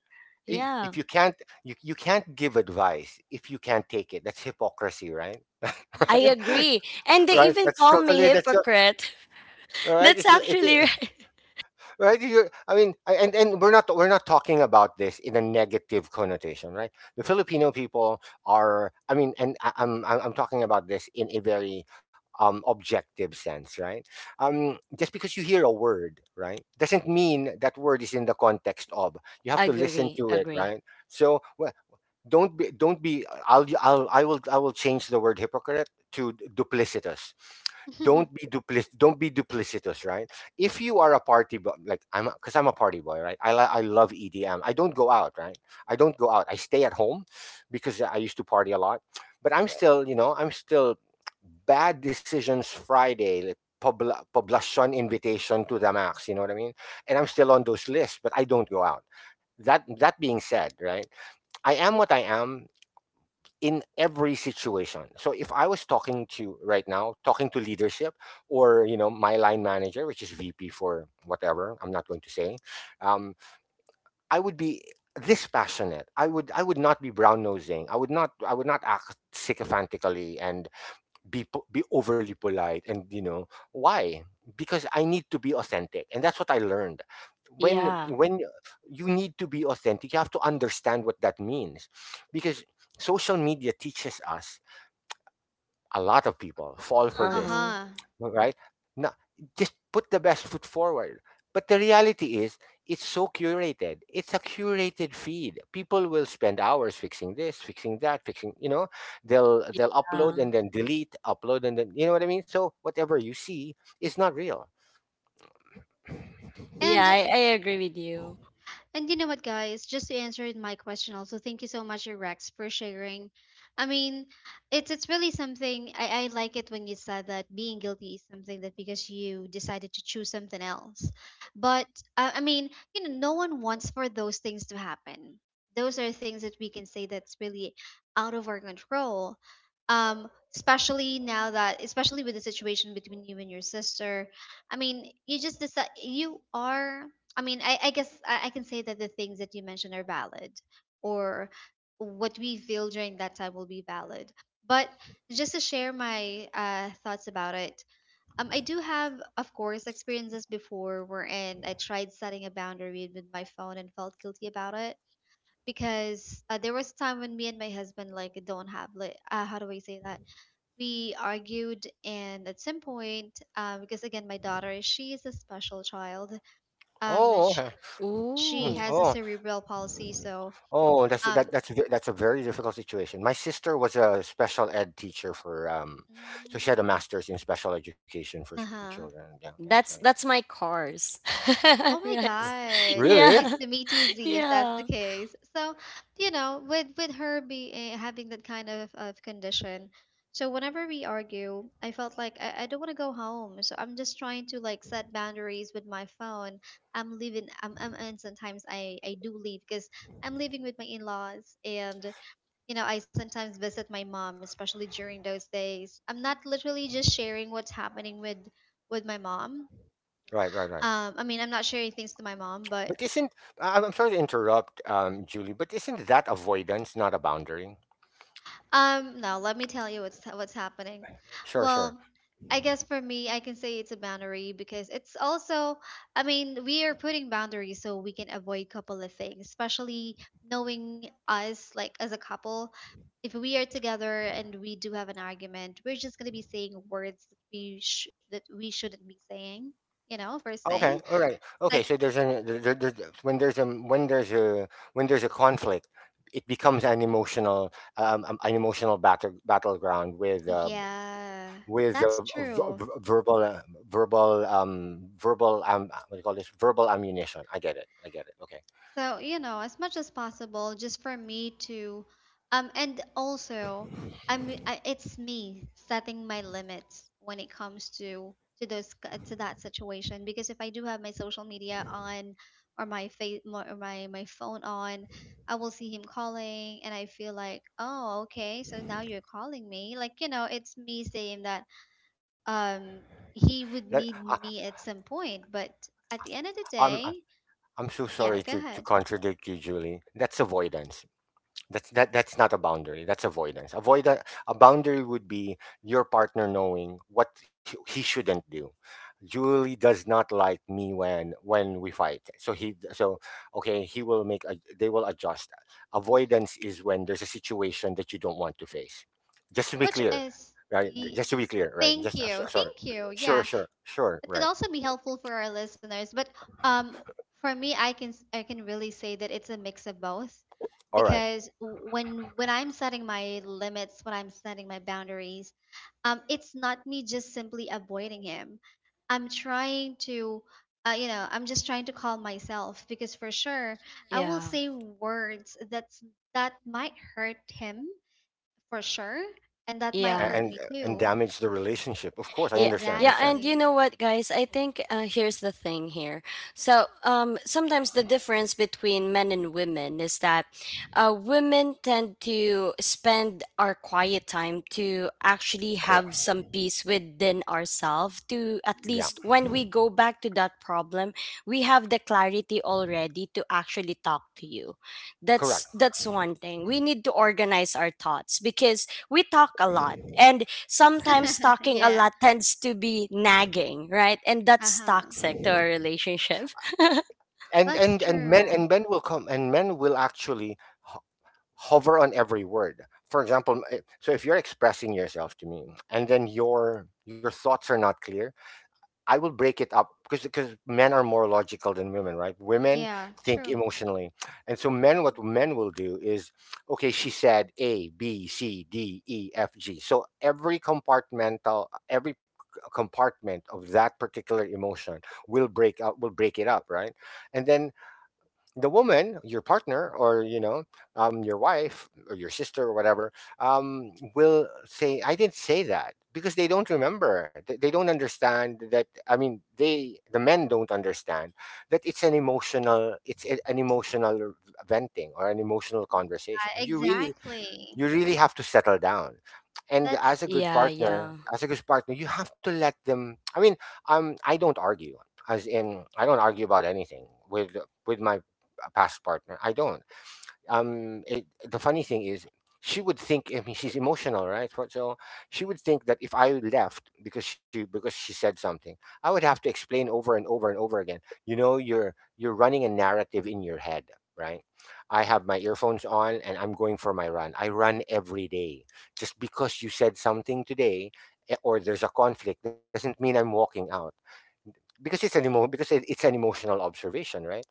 S3: if
S2: Yeah,
S3: you can't, you can't give advice if you can't take it. That's hypocrisy, right.
S2: I
S1: Mm-hmm.
S3: Right.
S2: agree. And they
S3: Right.
S2: even
S3: That's
S2: call me
S3: totally, that's your
S2: hypocrite.
S3: right
S2: That's
S3: it's
S2: actually right.
S3: right you, I mean, and we're not talking about this in a negative connotation, right. The Filipino people are, I mean, and I, I'm talking about this in a very objective sense, right. Just because you hear a word, right, doesn't mean that word is in the context of you have to listen
S2: Agree,
S3: to it,
S2: agree.
S3: right. So don't be I'll I will change the word hypocrite to duplicitous. don't be duplic don't be duplicitous, right. If you are a party boy like I'm because I'm a party boy, right. I love EDM. I don't go out, right. I don't go out, I stay at home because I used to party a lot, but I'm still bad decisions Friday, like Poblacion invitation to the max, you know what I mean? And I'm still on those lists, but I don't go out. That being said, right? I am what I am in every situation. So if I was talking to right now, talking to leadership or my line manager, which is VP for whatever, I'm not going to say, um, I would be this passionate. I would not be brown nosing. I would not act sycophantically and be overly polite, and you know why? Because I need to be authentic, and that's what I learned. when
S2: Yeah.
S3: when you need to be authentic, you have to understand what that means, because social media teaches us a lot of people fall for
S1: Uh
S3: this.
S2: Uh-huh.
S1: huh.
S3: Alright? Now, just put the best foot forward. But the reality is, it's so curated. It's a curated feed. People will spend hours fixing this, fixing that, fixing, they'll
S2: Uh,
S3: upload and then delete, upload and then, you know what I mean? So whatever you see is not real.
S2: yeah,
S1: and
S2: I agree with you.
S1: And you know what, guys? Just to answer my question, also, thank you so much, Rex, for sharing. I mean, it's really something. I like it when you said that being guilty is something that because you decided to choose something else. But I mean, you know, no one wants for those things to happen. Those are things that we can say that's really out of our control. Um, Especially now that, especially with the situation between you and your sister. I mean, you just decide you are. I mean, I guess I can say that the things that you mentioned are valid, or what we feel during that time will be valid. But just to share my thoughts about it, I do have, of course, experiences before wherein I tried setting a boundary with my phone and felt guilty about it, because there was a time when me and my husband like don't have like how do I say that, we argued, and at some point, because again, my daughter, she is a special child. um
S3: Oh, okay.
S1: she
S3: Mm.
S2: Ooh,
S1: has a
S3: Oh.
S1: cerebral palsy, so
S3: Oh, that's that
S1: um,
S3: that's a ve- that's a very difficult situation. My sister was a special ed teacher for so she had a
S1: mm,
S3: master's in special education for
S1: uh-huh.
S3: children. Yeah, yeah. So
S2: that's
S3: yeah.
S2: that's my cars.
S1: Oh my
S2: Rex.
S3: R-
S1: God, it's
S3: Really?
S1: nice
S2: Yeah.
S1: to meet you, Z, if that's the
S2: Yeah.
S1: case. So, you know, with her being having that kind of condition, so whenever we argue, I felt like I don't want to go home, so I'm just trying to like set boundaries with my phone. I'm leaving, I'm, and sometimes I do leave because I'm living with my in-laws. And you know, I sometimes visit my mom, especially during those days. I'm not literally just sharing what's happening with my mom.
S3: Right, right, right.
S1: I mean, I'm not sharing things to my mom, but
S3: But isn't I- I'm sorry to interrupt, Julie, but isn't that avoidance, not a boundary?
S1: No, let me tell you what's happening.
S3: Sure, sure.
S1: Well, I guess for me, I can say it's a boundary because it's also, I mean, we are putting boundaries so we can avoid couple of things, especially knowing us like as a couple. If we are together and we do have an argument, we're just gonna be saying words that we that we shouldn't be saying. You know, first thing,
S3: Okay, all right.
S1: like,
S3: Okay, so there's an there, there, there's- when there's a conflict, it becomes an emotional battleground with, uh,
S1: yeah,
S3: with
S1: that's
S3: a v-
S1: true.
S3: v- verbal verbal verbal what do you call this, verbal ammunition. I get it, I get it, okay.
S1: So, you know, as much as possible, just for me to, and also, it's me setting my limits when it comes to those to that situation. Because if I do have my social media on, or my face or my phone on, I will see him calling, and I feel like, oh, okay, so now you're calling me. Like, you know, it's me saying that, um, he
S3: That-
S1: would need
S3: I,
S1: me at some point. But at the end of the
S3: i'm
S1: day,
S3: I'm so
S1: yeah,
S3: sorry
S1: go
S3: to
S1: ahead.
S3: contradict you, Julie. That's avoidance. That's not a boundary. That's avoidance. A boundary would be your partner knowing what he shouldn't do. Julie does not like me when we fight. So okay, he will they will adjust. Avoidance
S1: Mm-hmm.
S3: is when there's a situation that you don't want to face. Just to be
S1: Which
S3: clear,
S1: is,
S3: right?
S1: y-
S3: Just to be clear, right?
S1: thank you,
S3: Sorry.
S1: thank you.
S3: Sure,
S1: Yeah,
S3: sure. Sure, right.
S1: it could also be helpful for our listeners. But um, for me, I can I can really say that it's a mix of both,
S3: All right.
S1: because when I'm setting my limits, when I'm setting my boundaries, it's not me just simply avoiding him. I'm trying to, you know, I'm just trying to calm myself, because for sure I will
S2: Yeah.
S1: say words that's that might hurt
S3: Correct.
S1: him for
S3: Correct.
S1: sure. And that
S3: Yeah,
S1: might
S3: a-
S2: Yeah.
S1: hurt
S3: and
S1: me
S3: and
S1: too.
S3: damage the relationship. Of course, I
S2: Yeah,
S3: understand. I
S2: yeah, and
S3: understand.
S2: you know
S1: Exactly.
S2: what, guys? I think, here's the thing here. So, sometimes the difference between men and women is that, women tend to spend our quiet time to actually have
S3: Correct.
S2: some peace within ourselves, to at
S3: Yeah.
S2: least
S1: Mhm.
S2: when we go back to that problem, we have the clarity already to actually talk to you.
S3: Correct.
S2: That's one thing. We need to organize our thoughts, because we talk a lot, and sometimes talking a
S1: Yeah.
S2: lot tends to be nagging, right? And that's
S1: Uh-huh.
S2: toxic to our relationship.
S3: and
S1: That's
S3: and and men
S1: true.
S3: and men will come, and men will actually ho- hover on every word. For example, so if you're expressing yourself to me and then your thoughts are not clear, I will break it up, because men are more logical than women, right? Women
S1: Yeah,
S3: think
S1: true.
S3: emotionally, and so men what
S1: Mhm.
S3: men will do is, okay, she said A B C D E F G, so every compartment of that particular emotion will break it up, right? And then the woman, your partner, or your wife or your sister or whatever, will say, "I didn't say that," because they don't remember. They don't understand that. I mean, the men don't understand that it's an emotional, an emotional venting or an emotional conversation.
S1: Yeah,
S3: You really
S1: exactly.
S3: you really have to settle down, and as
S1: That's
S3: a good
S2: Yeah,
S3: partner
S2: yeah.
S3: as a good partner you have to let them. I mean, I don't argue. As in, I don't argue about anything with my past partner. I don't it, The funny thing is, she would think I mean, she's emotional, right? So she would think that if I left because she said something, I would have to explain over and over and over again. You know, you're running a narrative in your head, right. I have my earphones on and I'm going for my run. I run every day. Just because you said something today, or there's a conflict, doesn't mean I'm walking out, because it's an emo- because it, it's an emotional observation, right.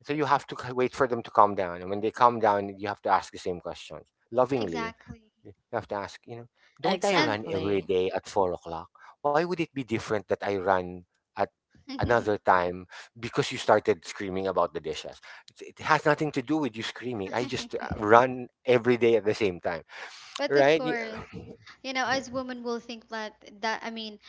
S3: So you have to wait for them to calm down. And when they calm down, you have to ask the same questions. Lovingly,
S1: exactly.
S3: you have to ask, don't I
S1: And
S3: run every
S2: Exactly.
S3: day at 4 o'clock? Why would it be different that I run at another time because you started screaming about the dishes? It has nothing to do with you screaming. I just run every day at the same time,
S1: but of
S3: right?
S1: course, you know,
S3: Yeah.
S1: as women will think that, that I mean,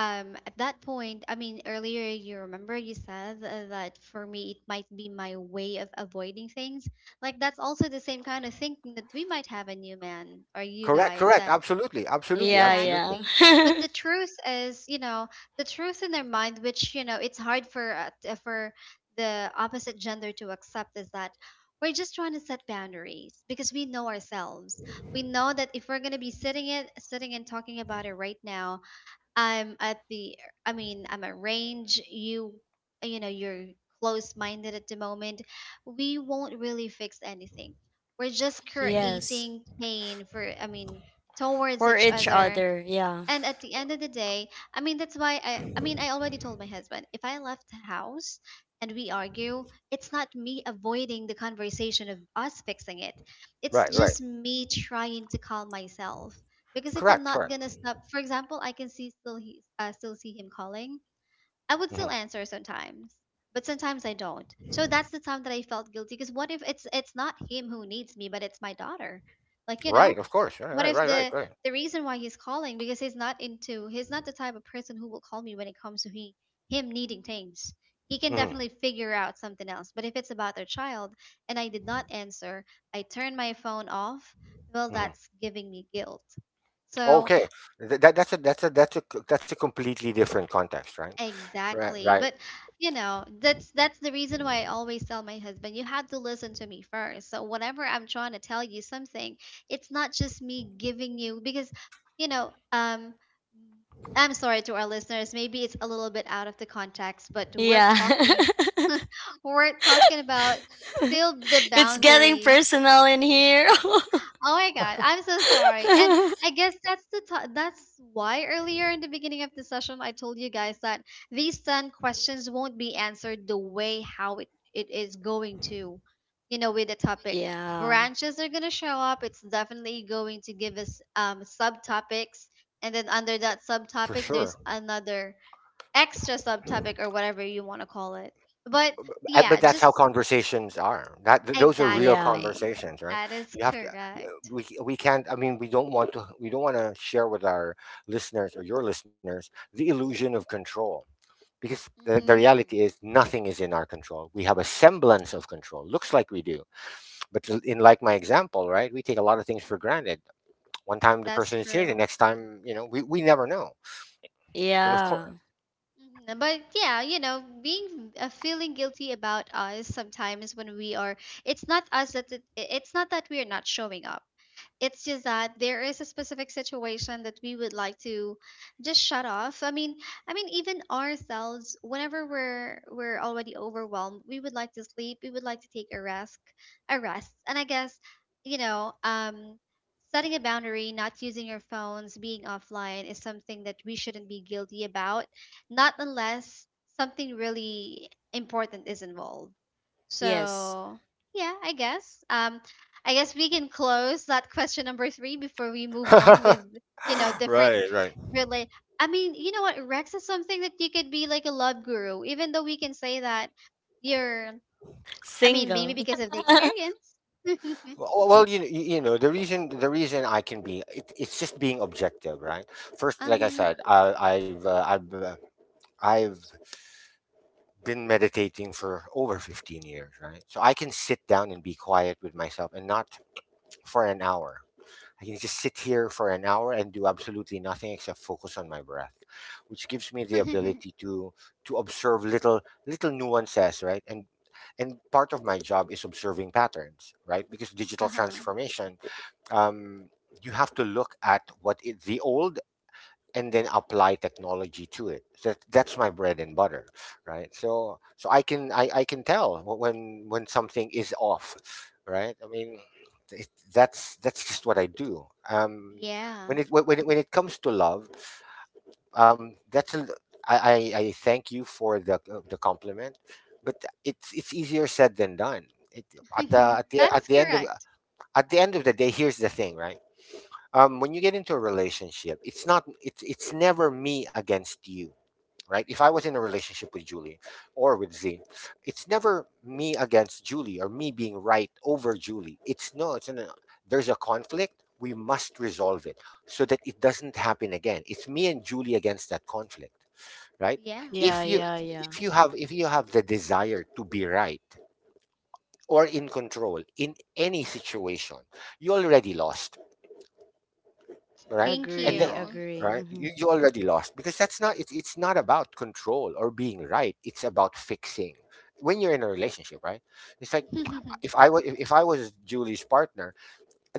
S1: At that point, I mean, earlier you remember you said that for me it might be my way of avoiding things. Like, that's also the same kind of thinking that we might have a new man or you
S3: Correct,
S1: guys
S3: correct.
S1: that,
S3: Absolutely, absolutely,
S2: Yeah,
S3: absolutely.
S1: exactly. But
S2: yeah.
S1: the truth is, you know, the truth in their mind, which, you know, it's hard for for the opposite gender to accept, is that we're just trying to set boundaries because we know ourselves. We know that if we're gonna be sitting it, sitting and talking about it right now, I'm at the, I mean I'm at range, you know you're close minded at the moment, we won't really fix anything, we're just
S2: Yes.
S1: creating pain for, I mean, towards
S2: For
S1: each
S2: each
S1: other.
S2: other. Yeah.
S1: And at the end of the day, I mean, that's why I mean, I already told my husband, if I left the house and we argue, it's not me avoiding the conversation of us fixing it, it's
S3: Right, right.
S1: just me trying to calm myself. Because if I'm
S3: Correct,
S1: not
S3: correct.
S1: gonna stop, for example, I can see still he still see him calling, I would
S3: Hmm.
S1: still answer sometimes, but sometimes I don't. So that's the time that I felt guilty, because what if it's it's not him who needs me, but it's my daughter, like, you know,
S3: Right, of course. Right,
S1: what if
S3: right, right, right,
S1: the
S3: right.
S1: the reason why he's calling, because he's not into, he's not the type of person who will call me when it comes to he him needing things. He can
S3: Hmm.
S1: definitely figure out something else. But if it's about their child and I did not answer, I turn my phone off, well,
S3: Hmm.
S1: that's giving me guilt. So
S3: Okay. That that's a that's a that's a c- that's a completely different context, right? Right,
S1: exactly.
S3: right,
S1: But you know, that's the reason why I always tell my husband, you have to listen to me first. So whenever I'm trying to tell you something, it's not just me giving you, because you know, I'm sorry to our listeners, maybe it's a little bit out of the context, but we're
S2: Yeah.
S1: talking, we're talking about still the
S2: It's getting
S1: boundaries.
S2: personal in here.
S1: Oh my God, I'm so sorry. And I guess that's the that's why earlier in the beginning of the session I told you guys that these 10 questions won't be answered the way how it is going to, you know, with the topic.
S2: Yeah.
S1: Branches are going to show up. It's definitely going to give us subtopics, and then under that
S3: for
S1: subtopic there's
S3: sure.
S1: another extra subtopic or whatever you want to call it. But yeah,
S3: But that's how
S1: just
S3: conversations are. Those are real
S2: Yeah.
S1: exactly.
S3: conversations, right?
S1: That is
S3: You have to. y- uh,
S1: correct.
S3: we can't. I mean, we don't want to. We don't want to share with our listeners or your listeners the illusion of control, because the reality
S1: Mhm.
S3: is nothing is in our control. We have a semblance of control. Looks like we do, but in, like, my example, right? We take a lot of things for granted. One time the
S1: That's
S3: person is here, the
S1: true.
S3: next time, we never know. And of course,
S2: Yeah.
S1: Mhm. But yeah, you know, being feeling guilty about us sometimes when we are, it's not us that it, it's not that we are not showing up. It's just that there is a specific situation that we would like to just shut off. I mean, even ourselves, whenever we're already overwhelmed, we would like to sleep. We would like to take a rest, a rest. And I guess, you know, setting a boundary, not using your phones, being offline is something that we shouldn't be guilty about, not unless something really important is involved.
S2: Yes.
S1: So, yeah, I guess. I guess we can close that question number three before we move on with, you know, different
S3: right, right.
S1: really. I mean, you know what? Rex is something that you could be like a love guru, even though we can say that you're, I mean, maybe
S2: Single.
S1: because of the experience.
S3: Well, you know the reason I can be it, it's just being objective, right? First, like I
S1: um,
S3: said, I, I've been meditating for over 15 years, right? So I can sit down and be quiet with myself, and not for an hour. I can just sit here for an hour and do absolutely nothing except focus on my breath, which gives me
S1: uh
S3: the ability to observe little nuances, right? And part of my job is observing patterns, right? Because digital
S1: huh.
S3: transformation, um, you have to look at what is the old and then apply technology to it. That's my bread and butter, right? So I can tell when something is off, right? I mean, it, that's just what I do. When
S1: Yeah.
S3: it when it, when it comes to love, um, that's a, I, I thank you for the compliment, but it's easier said than done. It, at the at the
S1: That
S3: at
S1: is
S3: the end of
S1: correct.
S3: at the end of the day, here's the thing, right? When you get into a relationship, it's not it's it's never me against you, right? If I was in a relationship with Julie or with Z, it's never me against Julie or me being right over Julie. It's no, it's an, there's a conflict. We must resolve it so that it doesn't happen again. It's me and Julie against that conflict, right?
S1: Yeah.
S2: Yeah,
S3: If you
S2: yeah, yeah.
S3: have the desire to be right or in control in any situation, you already lost, right?
S1: Thank
S3: And then,
S2: Agree,
S1: you.
S2: agree.
S3: right, you,
S2: Hmm.
S3: you already lost because that's not it's, it's not about control or being right, it's about fixing when you're in a relationship, right? It's like if i was if i was Julie's partner,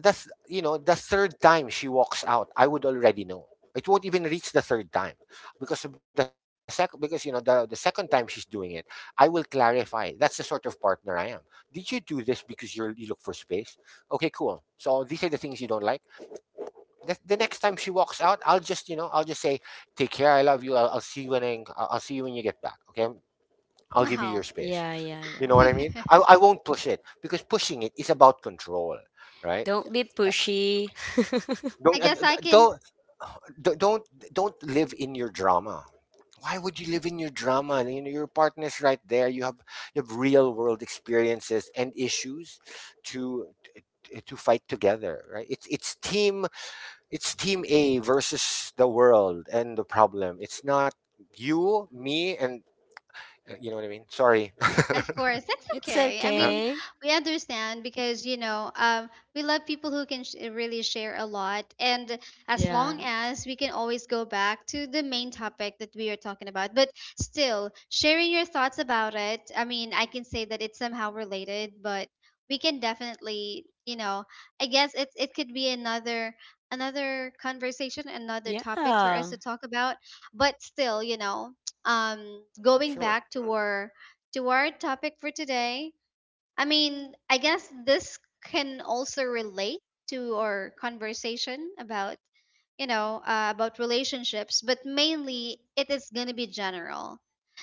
S3: that's, you know, the third time she walks out I would already know. It won't even reach the third time because of the second, because you know the second time she's doing it I will clarify that's the sort of partner I am. Did you do this because you look for space? Okay, cool, so these are the things you don't like. The next time she walks out, I'll just, you know, I'll just say, "Take care, I love you. I'll see you when I'll see you when you get back." Okay, I'll give you your
S1: No.
S3: space.
S2: Yeah, yeah,
S3: You
S2: yeah.
S3: know what I mean? I, I won't push it because pushing it is about control, right?
S2: Don't be
S3: Uh,
S2: pushy.
S1: I
S3: Don't and,
S1: guess
S3: and
S1: I can,
S3: don't don't live in your drama. Why would you live in your drama? You know, your partner's right there. You have real world experiences and issues to to fight together, right? It's team A versus the world and the problem. It's not you, me, and you know what I mean. Sorry.
S1: of course, that's
S2: It's
S1: okay. I mean,
S2: okay.
S1: we understand because you know, we love people who can really share a lot, and as long
S2: Yeah.
S1: as we can always go back to the main topic that we are talking about, but still sharing your thoughts about it. I mean, I can say that it's somehow related, but we can definitely, you know, I guess it's it could be another another conversation, another topic for us
S2: Yeah.
S1: to talk about. But still, you know, going
S3: Sure.
S1: back to our topic for today. I mean, I guess this can also relate to our conversation about, you know, about relationships, but mainly it is going to be general.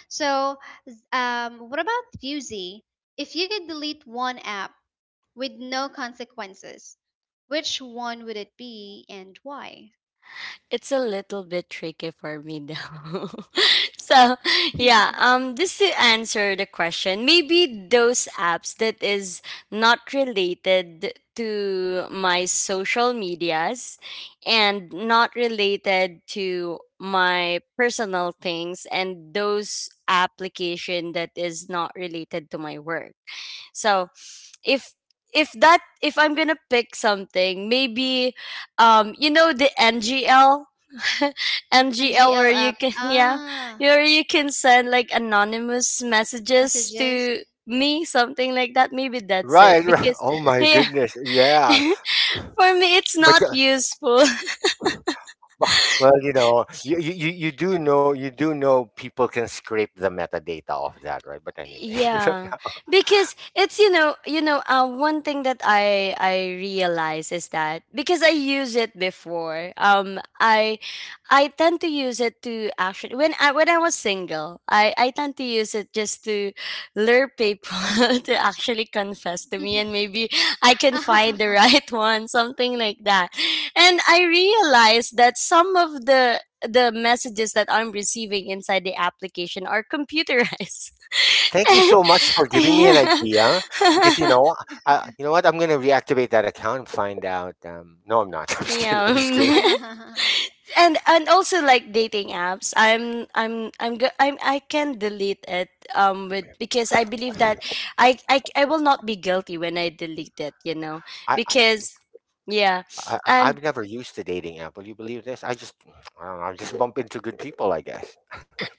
S1: So, what about you, Z? If you could delete one app with no consequences, which one would it be and why?
S2: It's a little bit tricky for me though. So yeah, just to answer the question, maybe those apps that is not related to my social medias, and not related to my personal things, and those application that is not related to my work. So if if that, if I'm gonna pick something, maybe you know, the NGL,
S1: An
S2: NGL where
S1: GL
S2: you
S1: app.
S2: can yeah,
S1: Ah,
S2: where you can send like anonymous messages
S1: messages.
S2: to me, something like that. Maybe that's it
S3: Right, right.
S2: because
S3: Oh my
S2: yeah.
S3: goodness. Yeah.
S2: For me it's
S3: But
S2: not useful.
S3: well, you know, you do know you do know people can scrape the metadata off that, right? But anyway,
S2: Yeah, because it's, you know, you know, one thing that I realize is that, because I use it before, I tend to use it to actually, when I, when I was single, I tend to use it just to lure people to actually confess to me, and maybe I can find the right one, something like that. And I realized that some of the messages that I'm receiving inside the application are computerized.
S3: thank you so much
S1: Which is
S3: for giving me
S2: Yeah.
S3: an
S1: true.
S3: idea. Because you know, you know what? I'm gonna reactivate that account and find out. No, I'm not. I'm just kidding. I'm just
S2: Yeah,
S3: kidding.
S2: and also like dating apps. I'm go- I'm I can delete it, with, because I believe that I will not be guilty when I delete it, you know.
S3: I
S2: Because yeah.
S3: I
S2: And
S3: I've never used the dating app. Will you believe this? I just I don't know, I just bump into good people, I guess.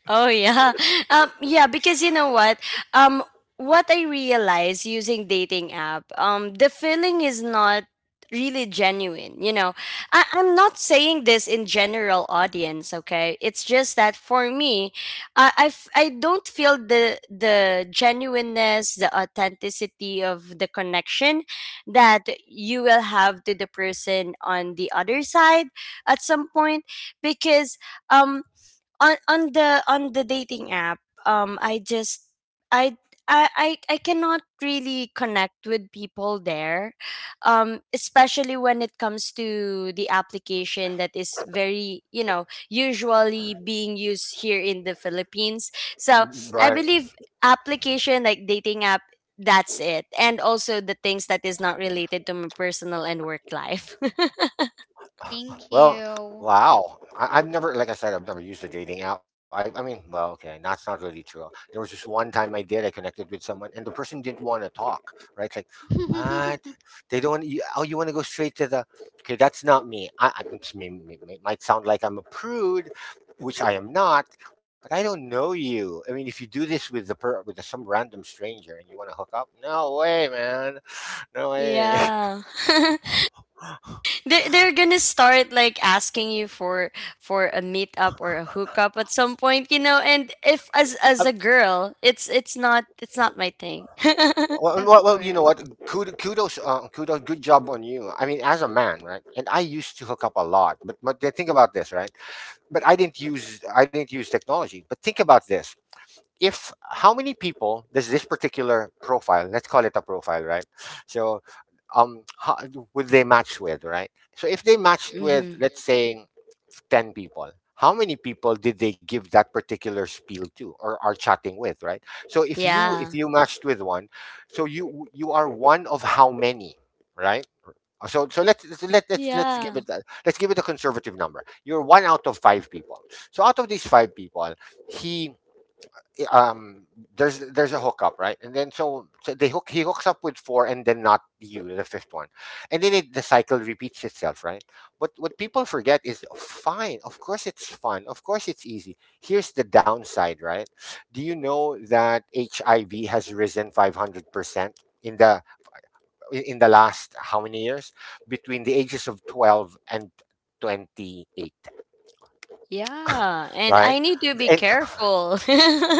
S2: oh yeah. Yeah, because you know what? Um what I realize using dating app, the feeling is not really genuine, you know. I I'm not saying this in general audience, okay? It's just that for me, I don't feel the genuineness, the authenticity of the connection that you will have to the person on the other side at some point, because um on the dating app, I just I I cannot really connect with people there, especially when it comes to the application that is very, you know, usually being used here in the Philippines. So I
S3: Right.
S2: believe application like dating app, that's it. And also the things that is not related to my personal and work life.
S1: Thank
S3: Well,
S1: you.
S3: wow. I've never, like I said, I've never used a dating app. I mean, well, okay, that's not really true. There was just one time I did, I connected with someone, and the person didn't want to talk, right? It's like, what? They don't, you, oh, you want to go straight to the, okay, that's not me. I it's me. Might sound like I'm a prude, which I am not, but I don't know you. I mean, if you do this with the per, with some random stranger and you want to hook up, no way, man. No way.
S2: Yeah. They're gonna start like asking you for a meetup or a hookup at some point, you know. And if, as a girl, it's not it's not my thing.
S3: Well,
S1: Of
S3: well, well, you know
S1: course.
S3: what? Kudos, kudos, kudos. Good job on you. I mean, as a man, right? And I used to hook up a lot, but then think about this, right? But I didn't use technology. But think about this, if how many people does this particular profile, let's call it a profile, right? So how would they match with, right? So if they matched with
S2: Hmm.
S3: let's say 10 people, how many people did they give that particular spiel to or are chatting with, right? So if
S2: Yeah,
S3: you matched with one, so you are one of how many, right? So so let's let's give
S2: yeah,
S3: it that, let's give it a conservative number, you're one out of five people. So out of these five people, he, um there's a hookup, right? And then so, so they hook he hooks up with four and then not you, the fifth one. And then it, the cycle repeats itself, right? What people forget is, fine, of course it's fun, of course it's easy, here's the downside, right? Do you know that HIV has risen 500% in the in the last how many years, between the ages of 12 and 28,
S2: yeah. And I
S3: right?
S2: need to be
S3: And
S2: careful.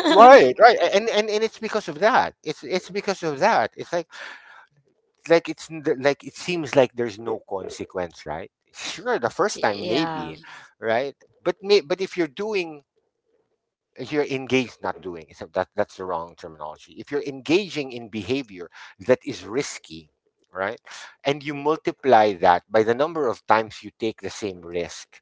S3: right, right, and and it's because of that. It's because of that. It's like like it seems like there's no consequence, right? Sure, the first time
S2: Yeah,
S3: maybe, right? But but if you're doing, if you're engaged, not doing so that that's the wrong terminology. If you're engaging in behavior that is risky, right, and you multiply that by the number of times you take the same risk,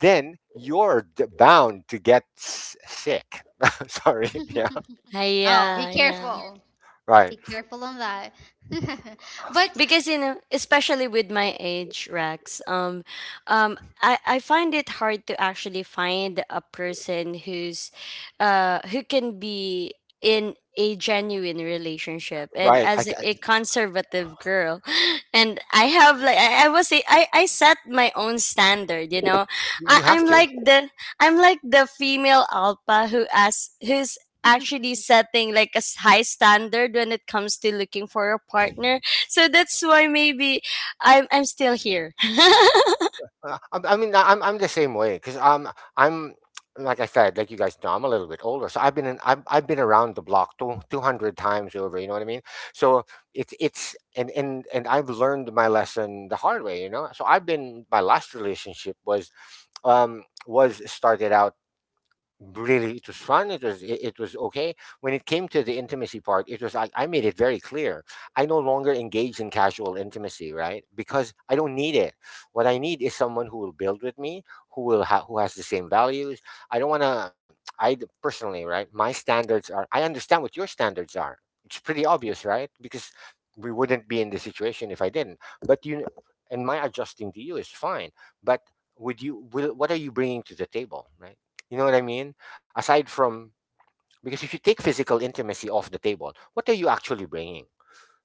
S3: then you're bound to get sick. Sorry, yeah,
S2: I,
S1: Oh, be
S2: yeah, yeah.
S1: careful.
S3: right.
S1: Be careful on that. But
S2: Because you know, especially with my age, Rex, um I find it hard to actually find a person who's who can be in a genuine relationship, and
S3: Right.
S2: as a conservative girl and I have like I was a- I set my own standard, you know. I,
S3: You have
S2: i'm
S3: to.
S2: like the I'm like the female alpha who asks, who's actually setting like a s- high standard when it comes to looking for a partner. So that's why maybe I'm still here.
S3: I mean, I'm the same way because I'm, like I said, like you guys know, I'm a little bit older, so I've been around the block two hundred times over. You know what I mean? So it's and I've learned my lesson the hard way. You know. So I've been, my last relationship was started out really, it was fun, it was okay. When it came to the intimacy part, it was like I made it very clear I no longer engage in casual intimacy, right, because I don't need it. What I need is someone who will build with me, who has the same values. I don't want to, personally right, my standards are, I understand what your standards are, it's pretty obvious, right, because we wouldn't be in this situation if I didn't. But you, and my adjusting to you is fine, but would you will what are you bringing to the table, right? You know what I mean? Aside from, because if you take physical intimacy off the table, what are you actually bringing?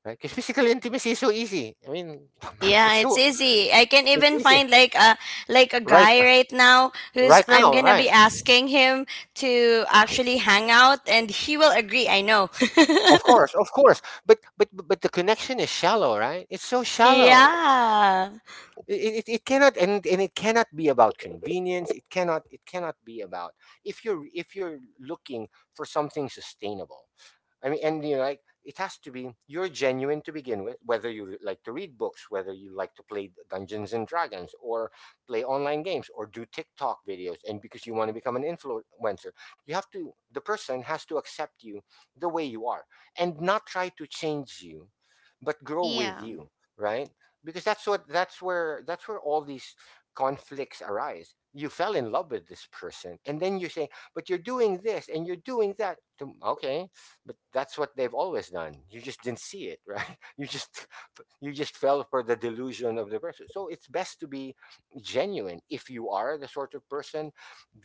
S3: Right? Because physical intimacy is so easy. I mean,
S2: Yeah,
S3: it's
S2: it's
S3: so,
S2: easy. I can
S3: it's
S2: even
S3: easy,
S2: find like a
S3: right,
S2: guy right now who's,
S3: right
S2: I'm
S3: now,
S2: gonna be
S3: right?
S2: asking him to actually hang out and he will agree, I know.
S3: Of course, of course. But the connection is shallow, right? It's so shallow.
S2: Yeah.
S3: It cannot, and it cannot be about convenience. It cannot, it cannot be about, if you're looking for something sustainable. I mean, and you know, like it has to be, you're genuine to begin with, whether you like to read books, whether you like to play Dungeons and Dragons, or play online games, or do TikTok videos, and because you want to become an influencer, you have to. The person has to accept you the way you are, and not try to change you, but grow
S1: yeah,
S3: with you, right? Because that's what, that's where all these conflicts arise. You fell in love with this person, and then you say, "But you're doing this and you're doing that." Okay, but that's what they've always done, you just didn't see it, right? You just fell for the delusion of the person. So it's best to be genuine. If you are the sort of person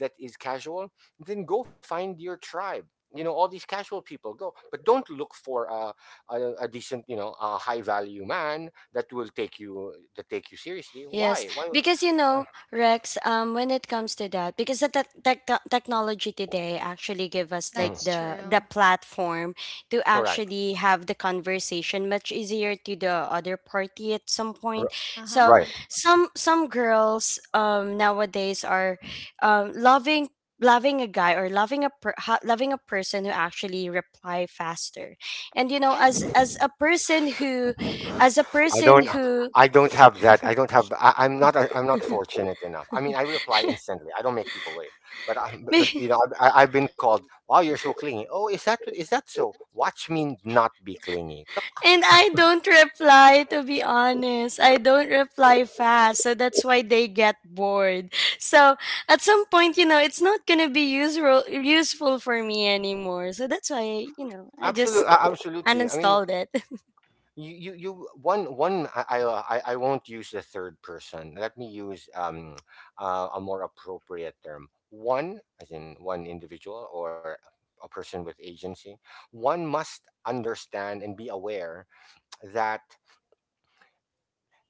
S3: that is casual, then go find your tribe, you know, all these casual people go. But don't look for a decent, you know, a high value man that will take you, that take you seriously.
S2: Yes,
S3: Why, why?
S2: because you know, Rex, when it comes to that, because the technology today actually give us like
S3: Mm,
S1: that's
S2: the
S1: true.
S2: platform to
S3: correct.
S2: actually have the conversation much easier to the other party at some point.
S3: R-
S2: So
S1: Uh-huh.
S3: right.
S2: some girls nowadays are um loving loving a guy, or loving a loving a person who actually reply faster. And you know,
S1: Yeah.
S2: as a person who, as a
S3: I don't.
S2: person who
S3: I don't have that. I don't have. I'm not. I'm not fortunate enough. I mean, I reply instantly. I don't make people wait. But I, but, you know, I've been called. Wow, you're so clingy. Oh, is that, is that so? Watch me not be clingy. Look,
S2: and I don't reply, to be honest. I don't reply fast. So that's why they get bored. So at some point, you know, it's not going to be useful for me anymore. So that's why, you know, I
S3: absolutely,
S2: just
S3: absolutely. I mean,
S2: uninstalled it.
S3: you one one I I won't use the third person. Let me use a more appropriate term. One, as in one individual or a person with agency. One must understand and be aware that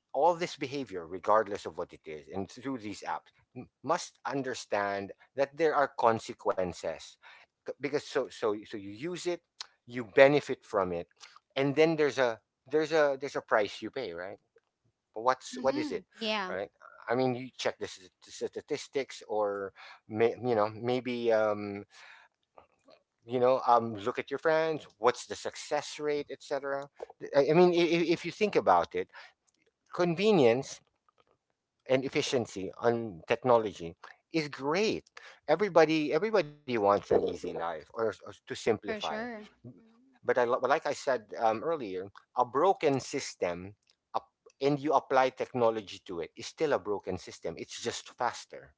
S3: all this behavior, regardless of what it is, and through these apps, must understand that there are consequences. Because so you use it, you benefit from it, and then there's a price you pay, right? What's, what is it,
S1: Hmm. Yeah,
S3: right? I mean you check the statistics or, you know, maybe you know look at your friends, what's the success rate, etc. I mean, if you think about it, convenience and efficiency on technology is great. Everybody wants an easy life, or to
S1: for
S3: simplify.
S1: sure. Mhm.
S3: But I, like I said, earlier, a broken system, up, and you apply technology to it, is still a broken system. It's just faster.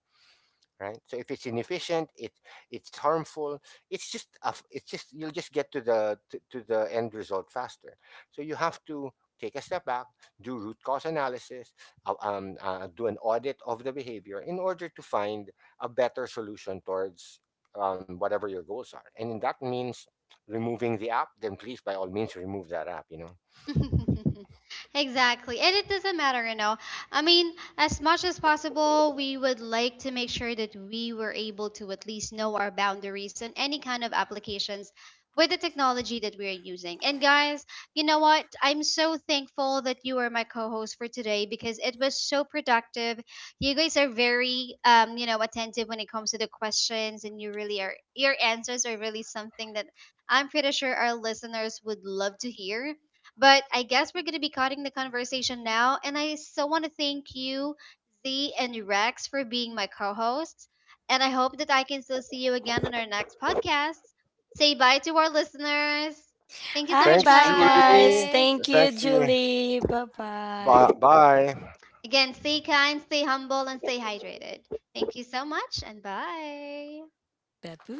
S3: Right, so if it's inefficient, it it's harmful. It's just, you'll just get to the to the end result faster. So you have to take a step back, do root cause analysis, do an audit of the behavior in order to find a better solution towards whatever your goals are. And that means removing the app, then please by all means remove that app, you know.
S1: Exactly. And it doesn't matter, you know. I mean, as much as possible, we would like to make sure that we were able to at least know our boundaries and any kind of applications with the technology that we are using. And guys, you know what? I'm so thankful that you are my co-host for today, because it was so productive. You guys are very, you know, attentive when it comes to the questions, and you really are, your answers are really something that I'm pretty sure our listeners would love to hear. But I guess we're going to be cutting the conversation now. And I so want to thank you, Z and Rex, for being my co hosts. And I hope that I can still see you again on our next podcast. Say bye to our listeners. Thank you so
S2: Hi,
S1: much,
S3: Thanks,
S2: bye, guys.
S3: Julie.
S1: guys.
S2: Thank you,
S3: Thanks, E.
S2: Julie. Bye bye.
S3: Bye bye.
S1: Again, stay kind, stay humble, and stay hydrated. Thank you so much, and bye.
S2: Babu.